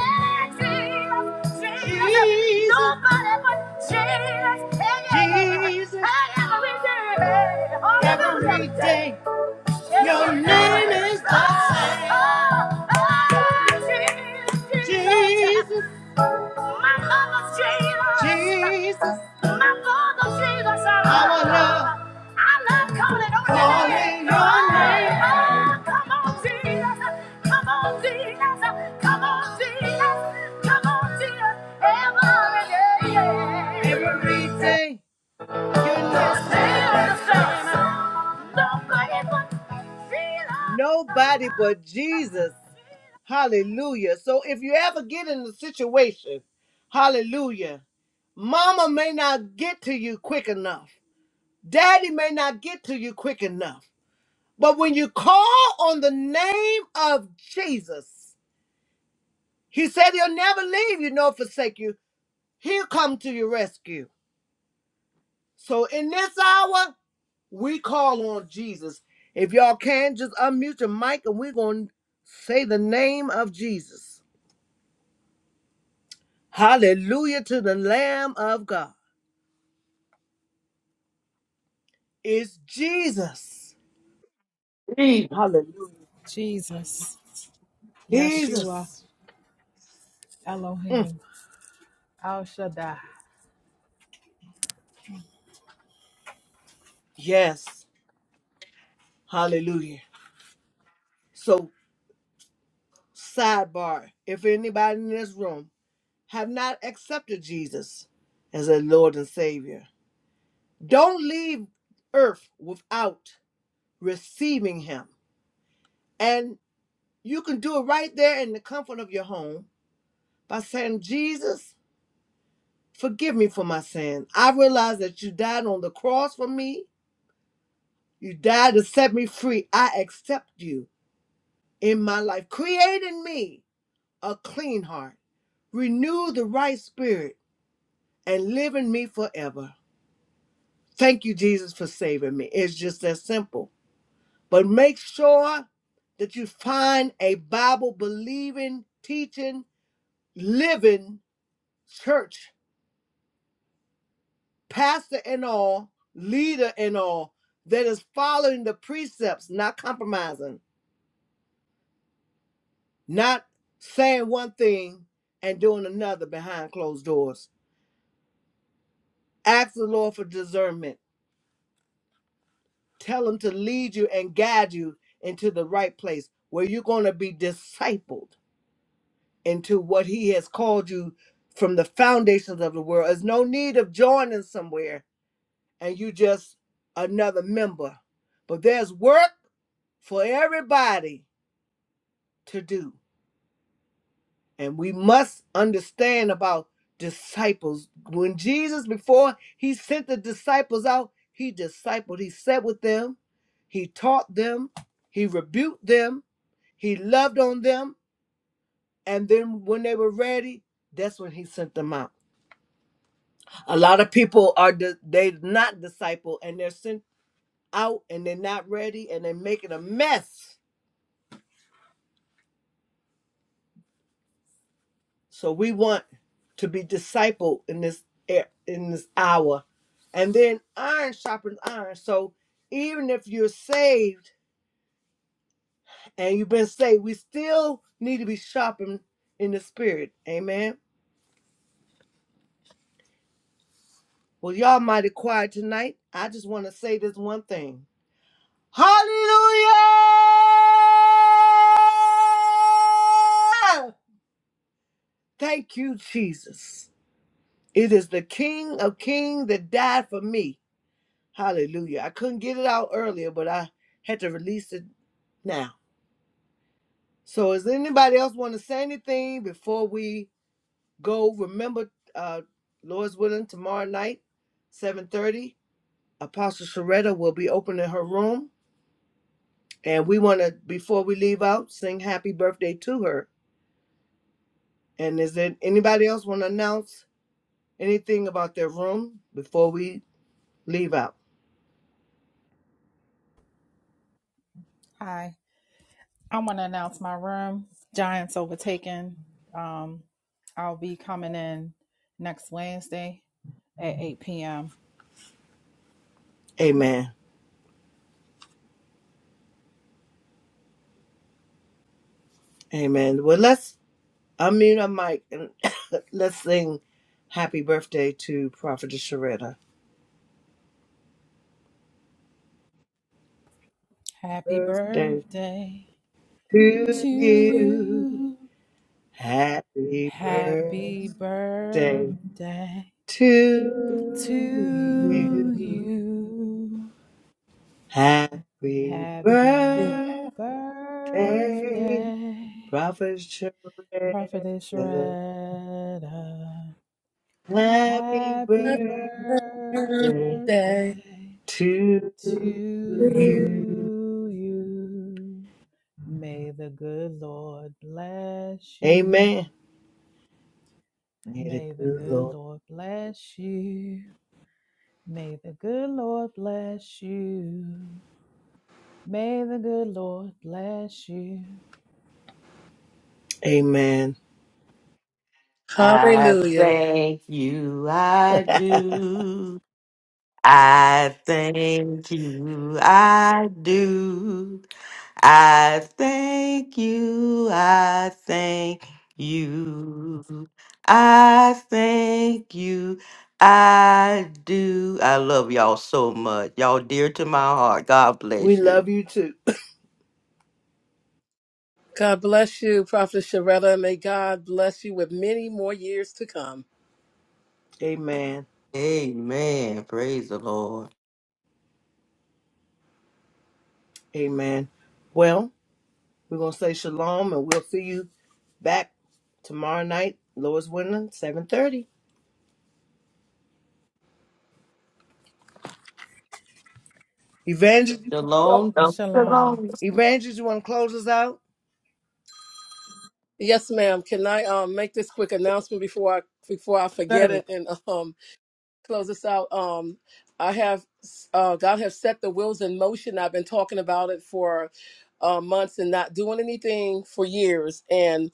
S1: hey, Jesus, Jesus. Nobody but Jesus. Hey, Jesus. Hey, every day. Every day. Your name is the same. Oh, oh, Jesus. Jesus. My love of Jesus. Jesus, My love of Jesus. our love, I love. I love calling on your name. calling your name. Oh, come on, Jesus. Come on, Jesus. Come on, Jesus. Come on, Jesus. Every day. Yeah. Every day, your It's love the same. same. Nobody but Jesus. Nobody but Jesus. Hallelujah. So if you ever get in a situation, hallelujah, mama may not get to you quick enough. Daddy may not get to you quick enough. But when you call on the name of Jesus, he said he'll never leave you nor forsake you. He'll come to your rescue. So in this hour, we call on Jesus. If y'all can, just unmute your mic and we're going to say the name of Jesus. Hallelujah to the Lamb of God. It's Jesus. Hallelujah.
S3: Jesus, Yeshua,
S1: Jesus. Mm,
S3: Elohim. al shaddai
S1: yes. Hallelujah. So, sidebar if anybody in this room have not accepted Jesus as a Lord and Savior, don't leave earth without receiving Him. And you can do it right there in the comfort of your home by saying, Jesus, forgive me for my sin. I realize that you died on the cross for me You died to set me free. I accept you in my life. Create in me a clean heart. Renew the right spirit and live in me forever. Thank you, Jesus, for saving me. It's just that simple. But make sure that you find a Bible believing, teaching, living church, pastor and all, leader and all, that is following the precepts, not compromising not saying one thing and doing another behind closed doors. Ask the Lord for discernment. Tell Him to lead you and guide you into the right place where you're going to be discipled into what He has called you from the foundations of the world. There's no need of joining somewhere and you just another member. But there's work for everybody to do. And we must understand about disciples. When Jesus, before he sent the disciples out, he discipled, he sat with them, he taught them, he rebuked them, he loved on them. And then when they were ready, that's when he sent them out. A lot of people are, di- they not disciple and they're sent out and they're not ready and they're making a mess So we want to be discipled in this e- in this hour. And then iron sharpens iron. So even if you're saved and you've been saved, we still need to be sharpened in the spirit. Amen. Well, y'all mighty quiet tonight. I just want to say this one thing. Hallelujah! Thank you, Jesus. It is the King of Kings that died for me. Hallelujah. I couldn't get it out earlier, but I had to release it now. So, does anybody else want to say anything before we go? Remember, uh, Lord's willing, tomorrow night, 7.30, Apostle Sharetta will be opening her room. And we want to, before we leave out, sing happy birthday to her. And is there anybody else want to announce anything about their room before we leave out?
S3: Hi, I want to announce my room, Giants Overtaken. Um, I'll be coming in next Wednesday at 8 p.m.
S1: Amen. Amen. Well, let's Unmute a mic and [coughs] let's sing happy birthday to Prophetess Sharetta.
S3: Happy
S1: Birthday
S3: birthday to
S1: to you.
S3: you.
S1: Happy birthday
S3: Happy birthday
S1: to
S3: to
S1: you.
S3: you.
S1: Happy
S3: Happy
S1: birthday,
S3: birthday,
S1: Prophet
S3: Prophetess
S1: Sharetta.
S3: Shredder.
S1: Happy
S3: Happy
S1: birthday
S3: birthday
S1: to you.
S3: to you. May the good Lord bless you.
S1: Amen. May the
S3: May the
S1: good Lord
S3: good Lord bless you. May the good Lord bless you. May the good Lord bless you.
S1: Amen.
S5: I
S4: Hallelujah.
S5: thank you, I
S1: [laughs]
S5: do. I thank you, I do. I thank you, I thank you. I thank you, I do. I love y'all so much. Y'all dear to my heart. God
S1: We
S5: bless you.
S1: love you too.
S4: God bless you, Prophet Sharetta. May God bless you with many more years to come.
S1: Amen.
S5: Amen. Praise the Lord.
S1: Amen. Well, we're going to say shalom and we'll see you back tomorrow night, Lord's willing, 7.30. Evangelist,
S5: Shalom.
S3: Shalom.
S5: Shalom.
S1: Evangelist, you want to close us out?
S4: Yes, ma'am. Can I um, make this quick announcement before I before I forget
S1: Certainly.
S4: it? And um, close us out. Um, I have uh, God has set the wheels in motion. I've been talking about it for uh, months and not doing anything for years. and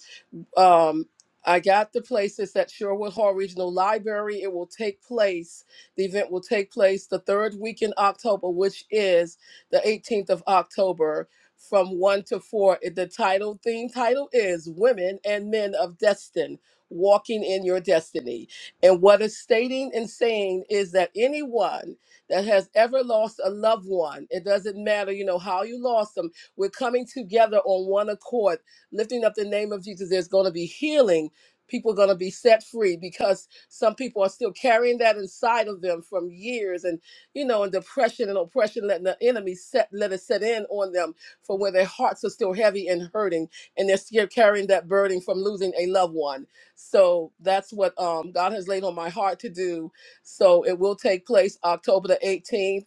S4: um, I got the places at Sherwood Hall Regional Library. It will take place, the event will take place the third week in October, which is the 18th of October from 1 to 4. It- The title theme title is Women and Men of Destin Walking in Your Destiny. And what it's stating and saying is that anyone that has ever lost a loved one, it doesn't matter, you know, how you lost them, we're coming together on one accord lifting up the name of Jesus, there's going to be healing. People are going to be set free because some people are still carrying that inside of them from years and, you know, and depression and oppression, letting the enemy set, let it set in on them from where their hearts are still heavy and hurting and they're still carrying that burden from losing a loved one. So that's what um, God has laid on my heart to do. So it will take place October the 18th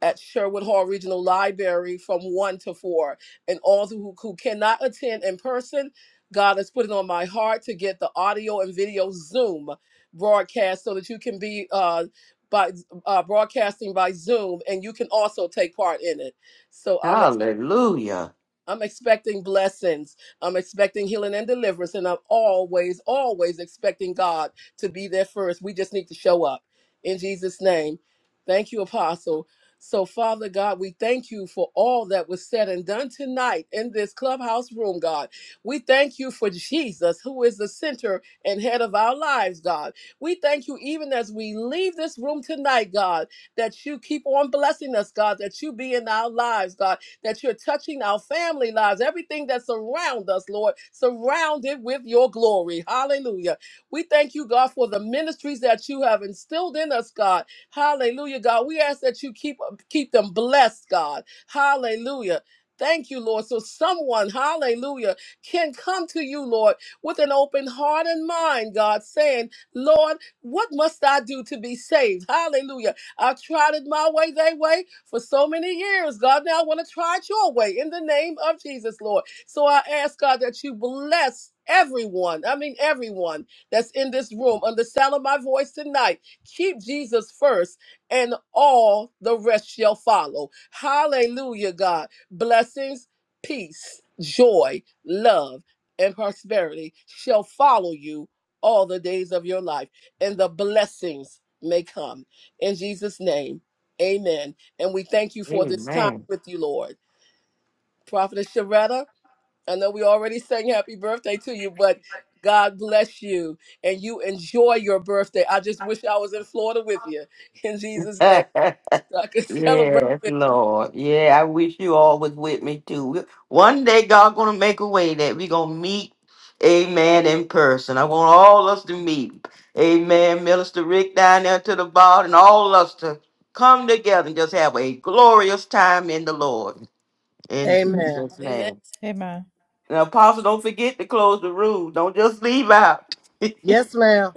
S4: at Sherwood Hall Regional Library from 1 to 4 and all who, who cannot attend in person. God has put it on my heart to get the audio and video Zoom broadcast so that you can be uh, by uh, broadcasting by Zoom and you can also take part in it. So I'm
S5: Hallelujah.
S4: I'm expecting blessings. I'm expecting healing and deliverance. And I'm always, always expecting God to be there first. We just need to show up in Jesus' name. Thank you, Apostle. So, Father God, we thank you for all that was said and done tonight in this clubhouse room, God. We thank you for Jesus, who is the center and head of our lives, God. We thank you even as we leave this room tonight, God, that you keep on blessing us, God, that you be in our lives, God that you're touching our family lives, everything that's around us, Lord, surrounded with your glory. Hallelujah. We thank you, God, for the ministries that you have instilled in us, God. Hallelujah, God. We ask that you keep keep them blessed, God. Hallelujah. Thank you, Lord. So someone, hallelujah, can come to you, Lord, with an open heart and mind, God, saying, Lord, what must I do to be saved? Hallelujah. I tried it my way, they way for so many years. God, now I want to try it your way in the name of Jesus, Lord. So I ask God that you bless everyone. I mean, everyone that's in this room on the sound of my voice tonight. Keep Jesus first, and all the rest shall follow. Hallelujah, God. Blessings, peace, joy, love, and prosperity shall follow you all the days of your life, and the blessings may come. In Jesus' name, amen. And we thank you for this time
S5: Amen.
S4: with you, Lord. Prophetess Sharetta, I know we already sang happy birthday to you, but God bless you and you enjoy your birthday. I just wish I was in Florida with you [laughs] in
S5: [laughs]
S4: Jesus' name
S5: yes,
S4: so I could [laughs] celebrate with
S5: Lord. Yeah, I wish you all was with me too. We- One day God gonna make a way that we gonna meet. Amen. In person. I want all us to meet. Amen. Minister Rick down there to the bar and all us to come together and just have a glorious time in the Lord. In
S1: Amen.
S5: Jesus'
S4: you. Amen.
S5: name.
S3: Amen.
S5: And Apostle, don't forget to close the room. Don't just leave out.
S1: Yes, ma'am.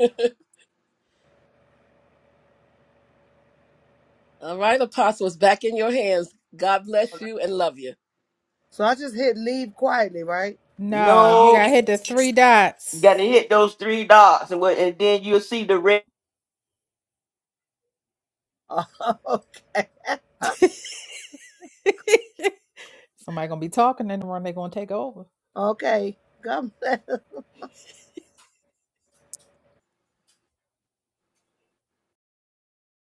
S4: All right, Apostle, it's back in your hands. God bless you and love you.
S1: So I just hit leave quietly, right?
S5: [laughs]
S3: No, you
S5: no,
S3: got
S5: you
S3: to hit the three dots.
S5: gotta hit those three dots, and what, and then you'll see the red.
S1: [laughs] okay.
S3: [laughs] Somebody gonna be talking in the room. They gonna take over.
S1: Okay. God bless.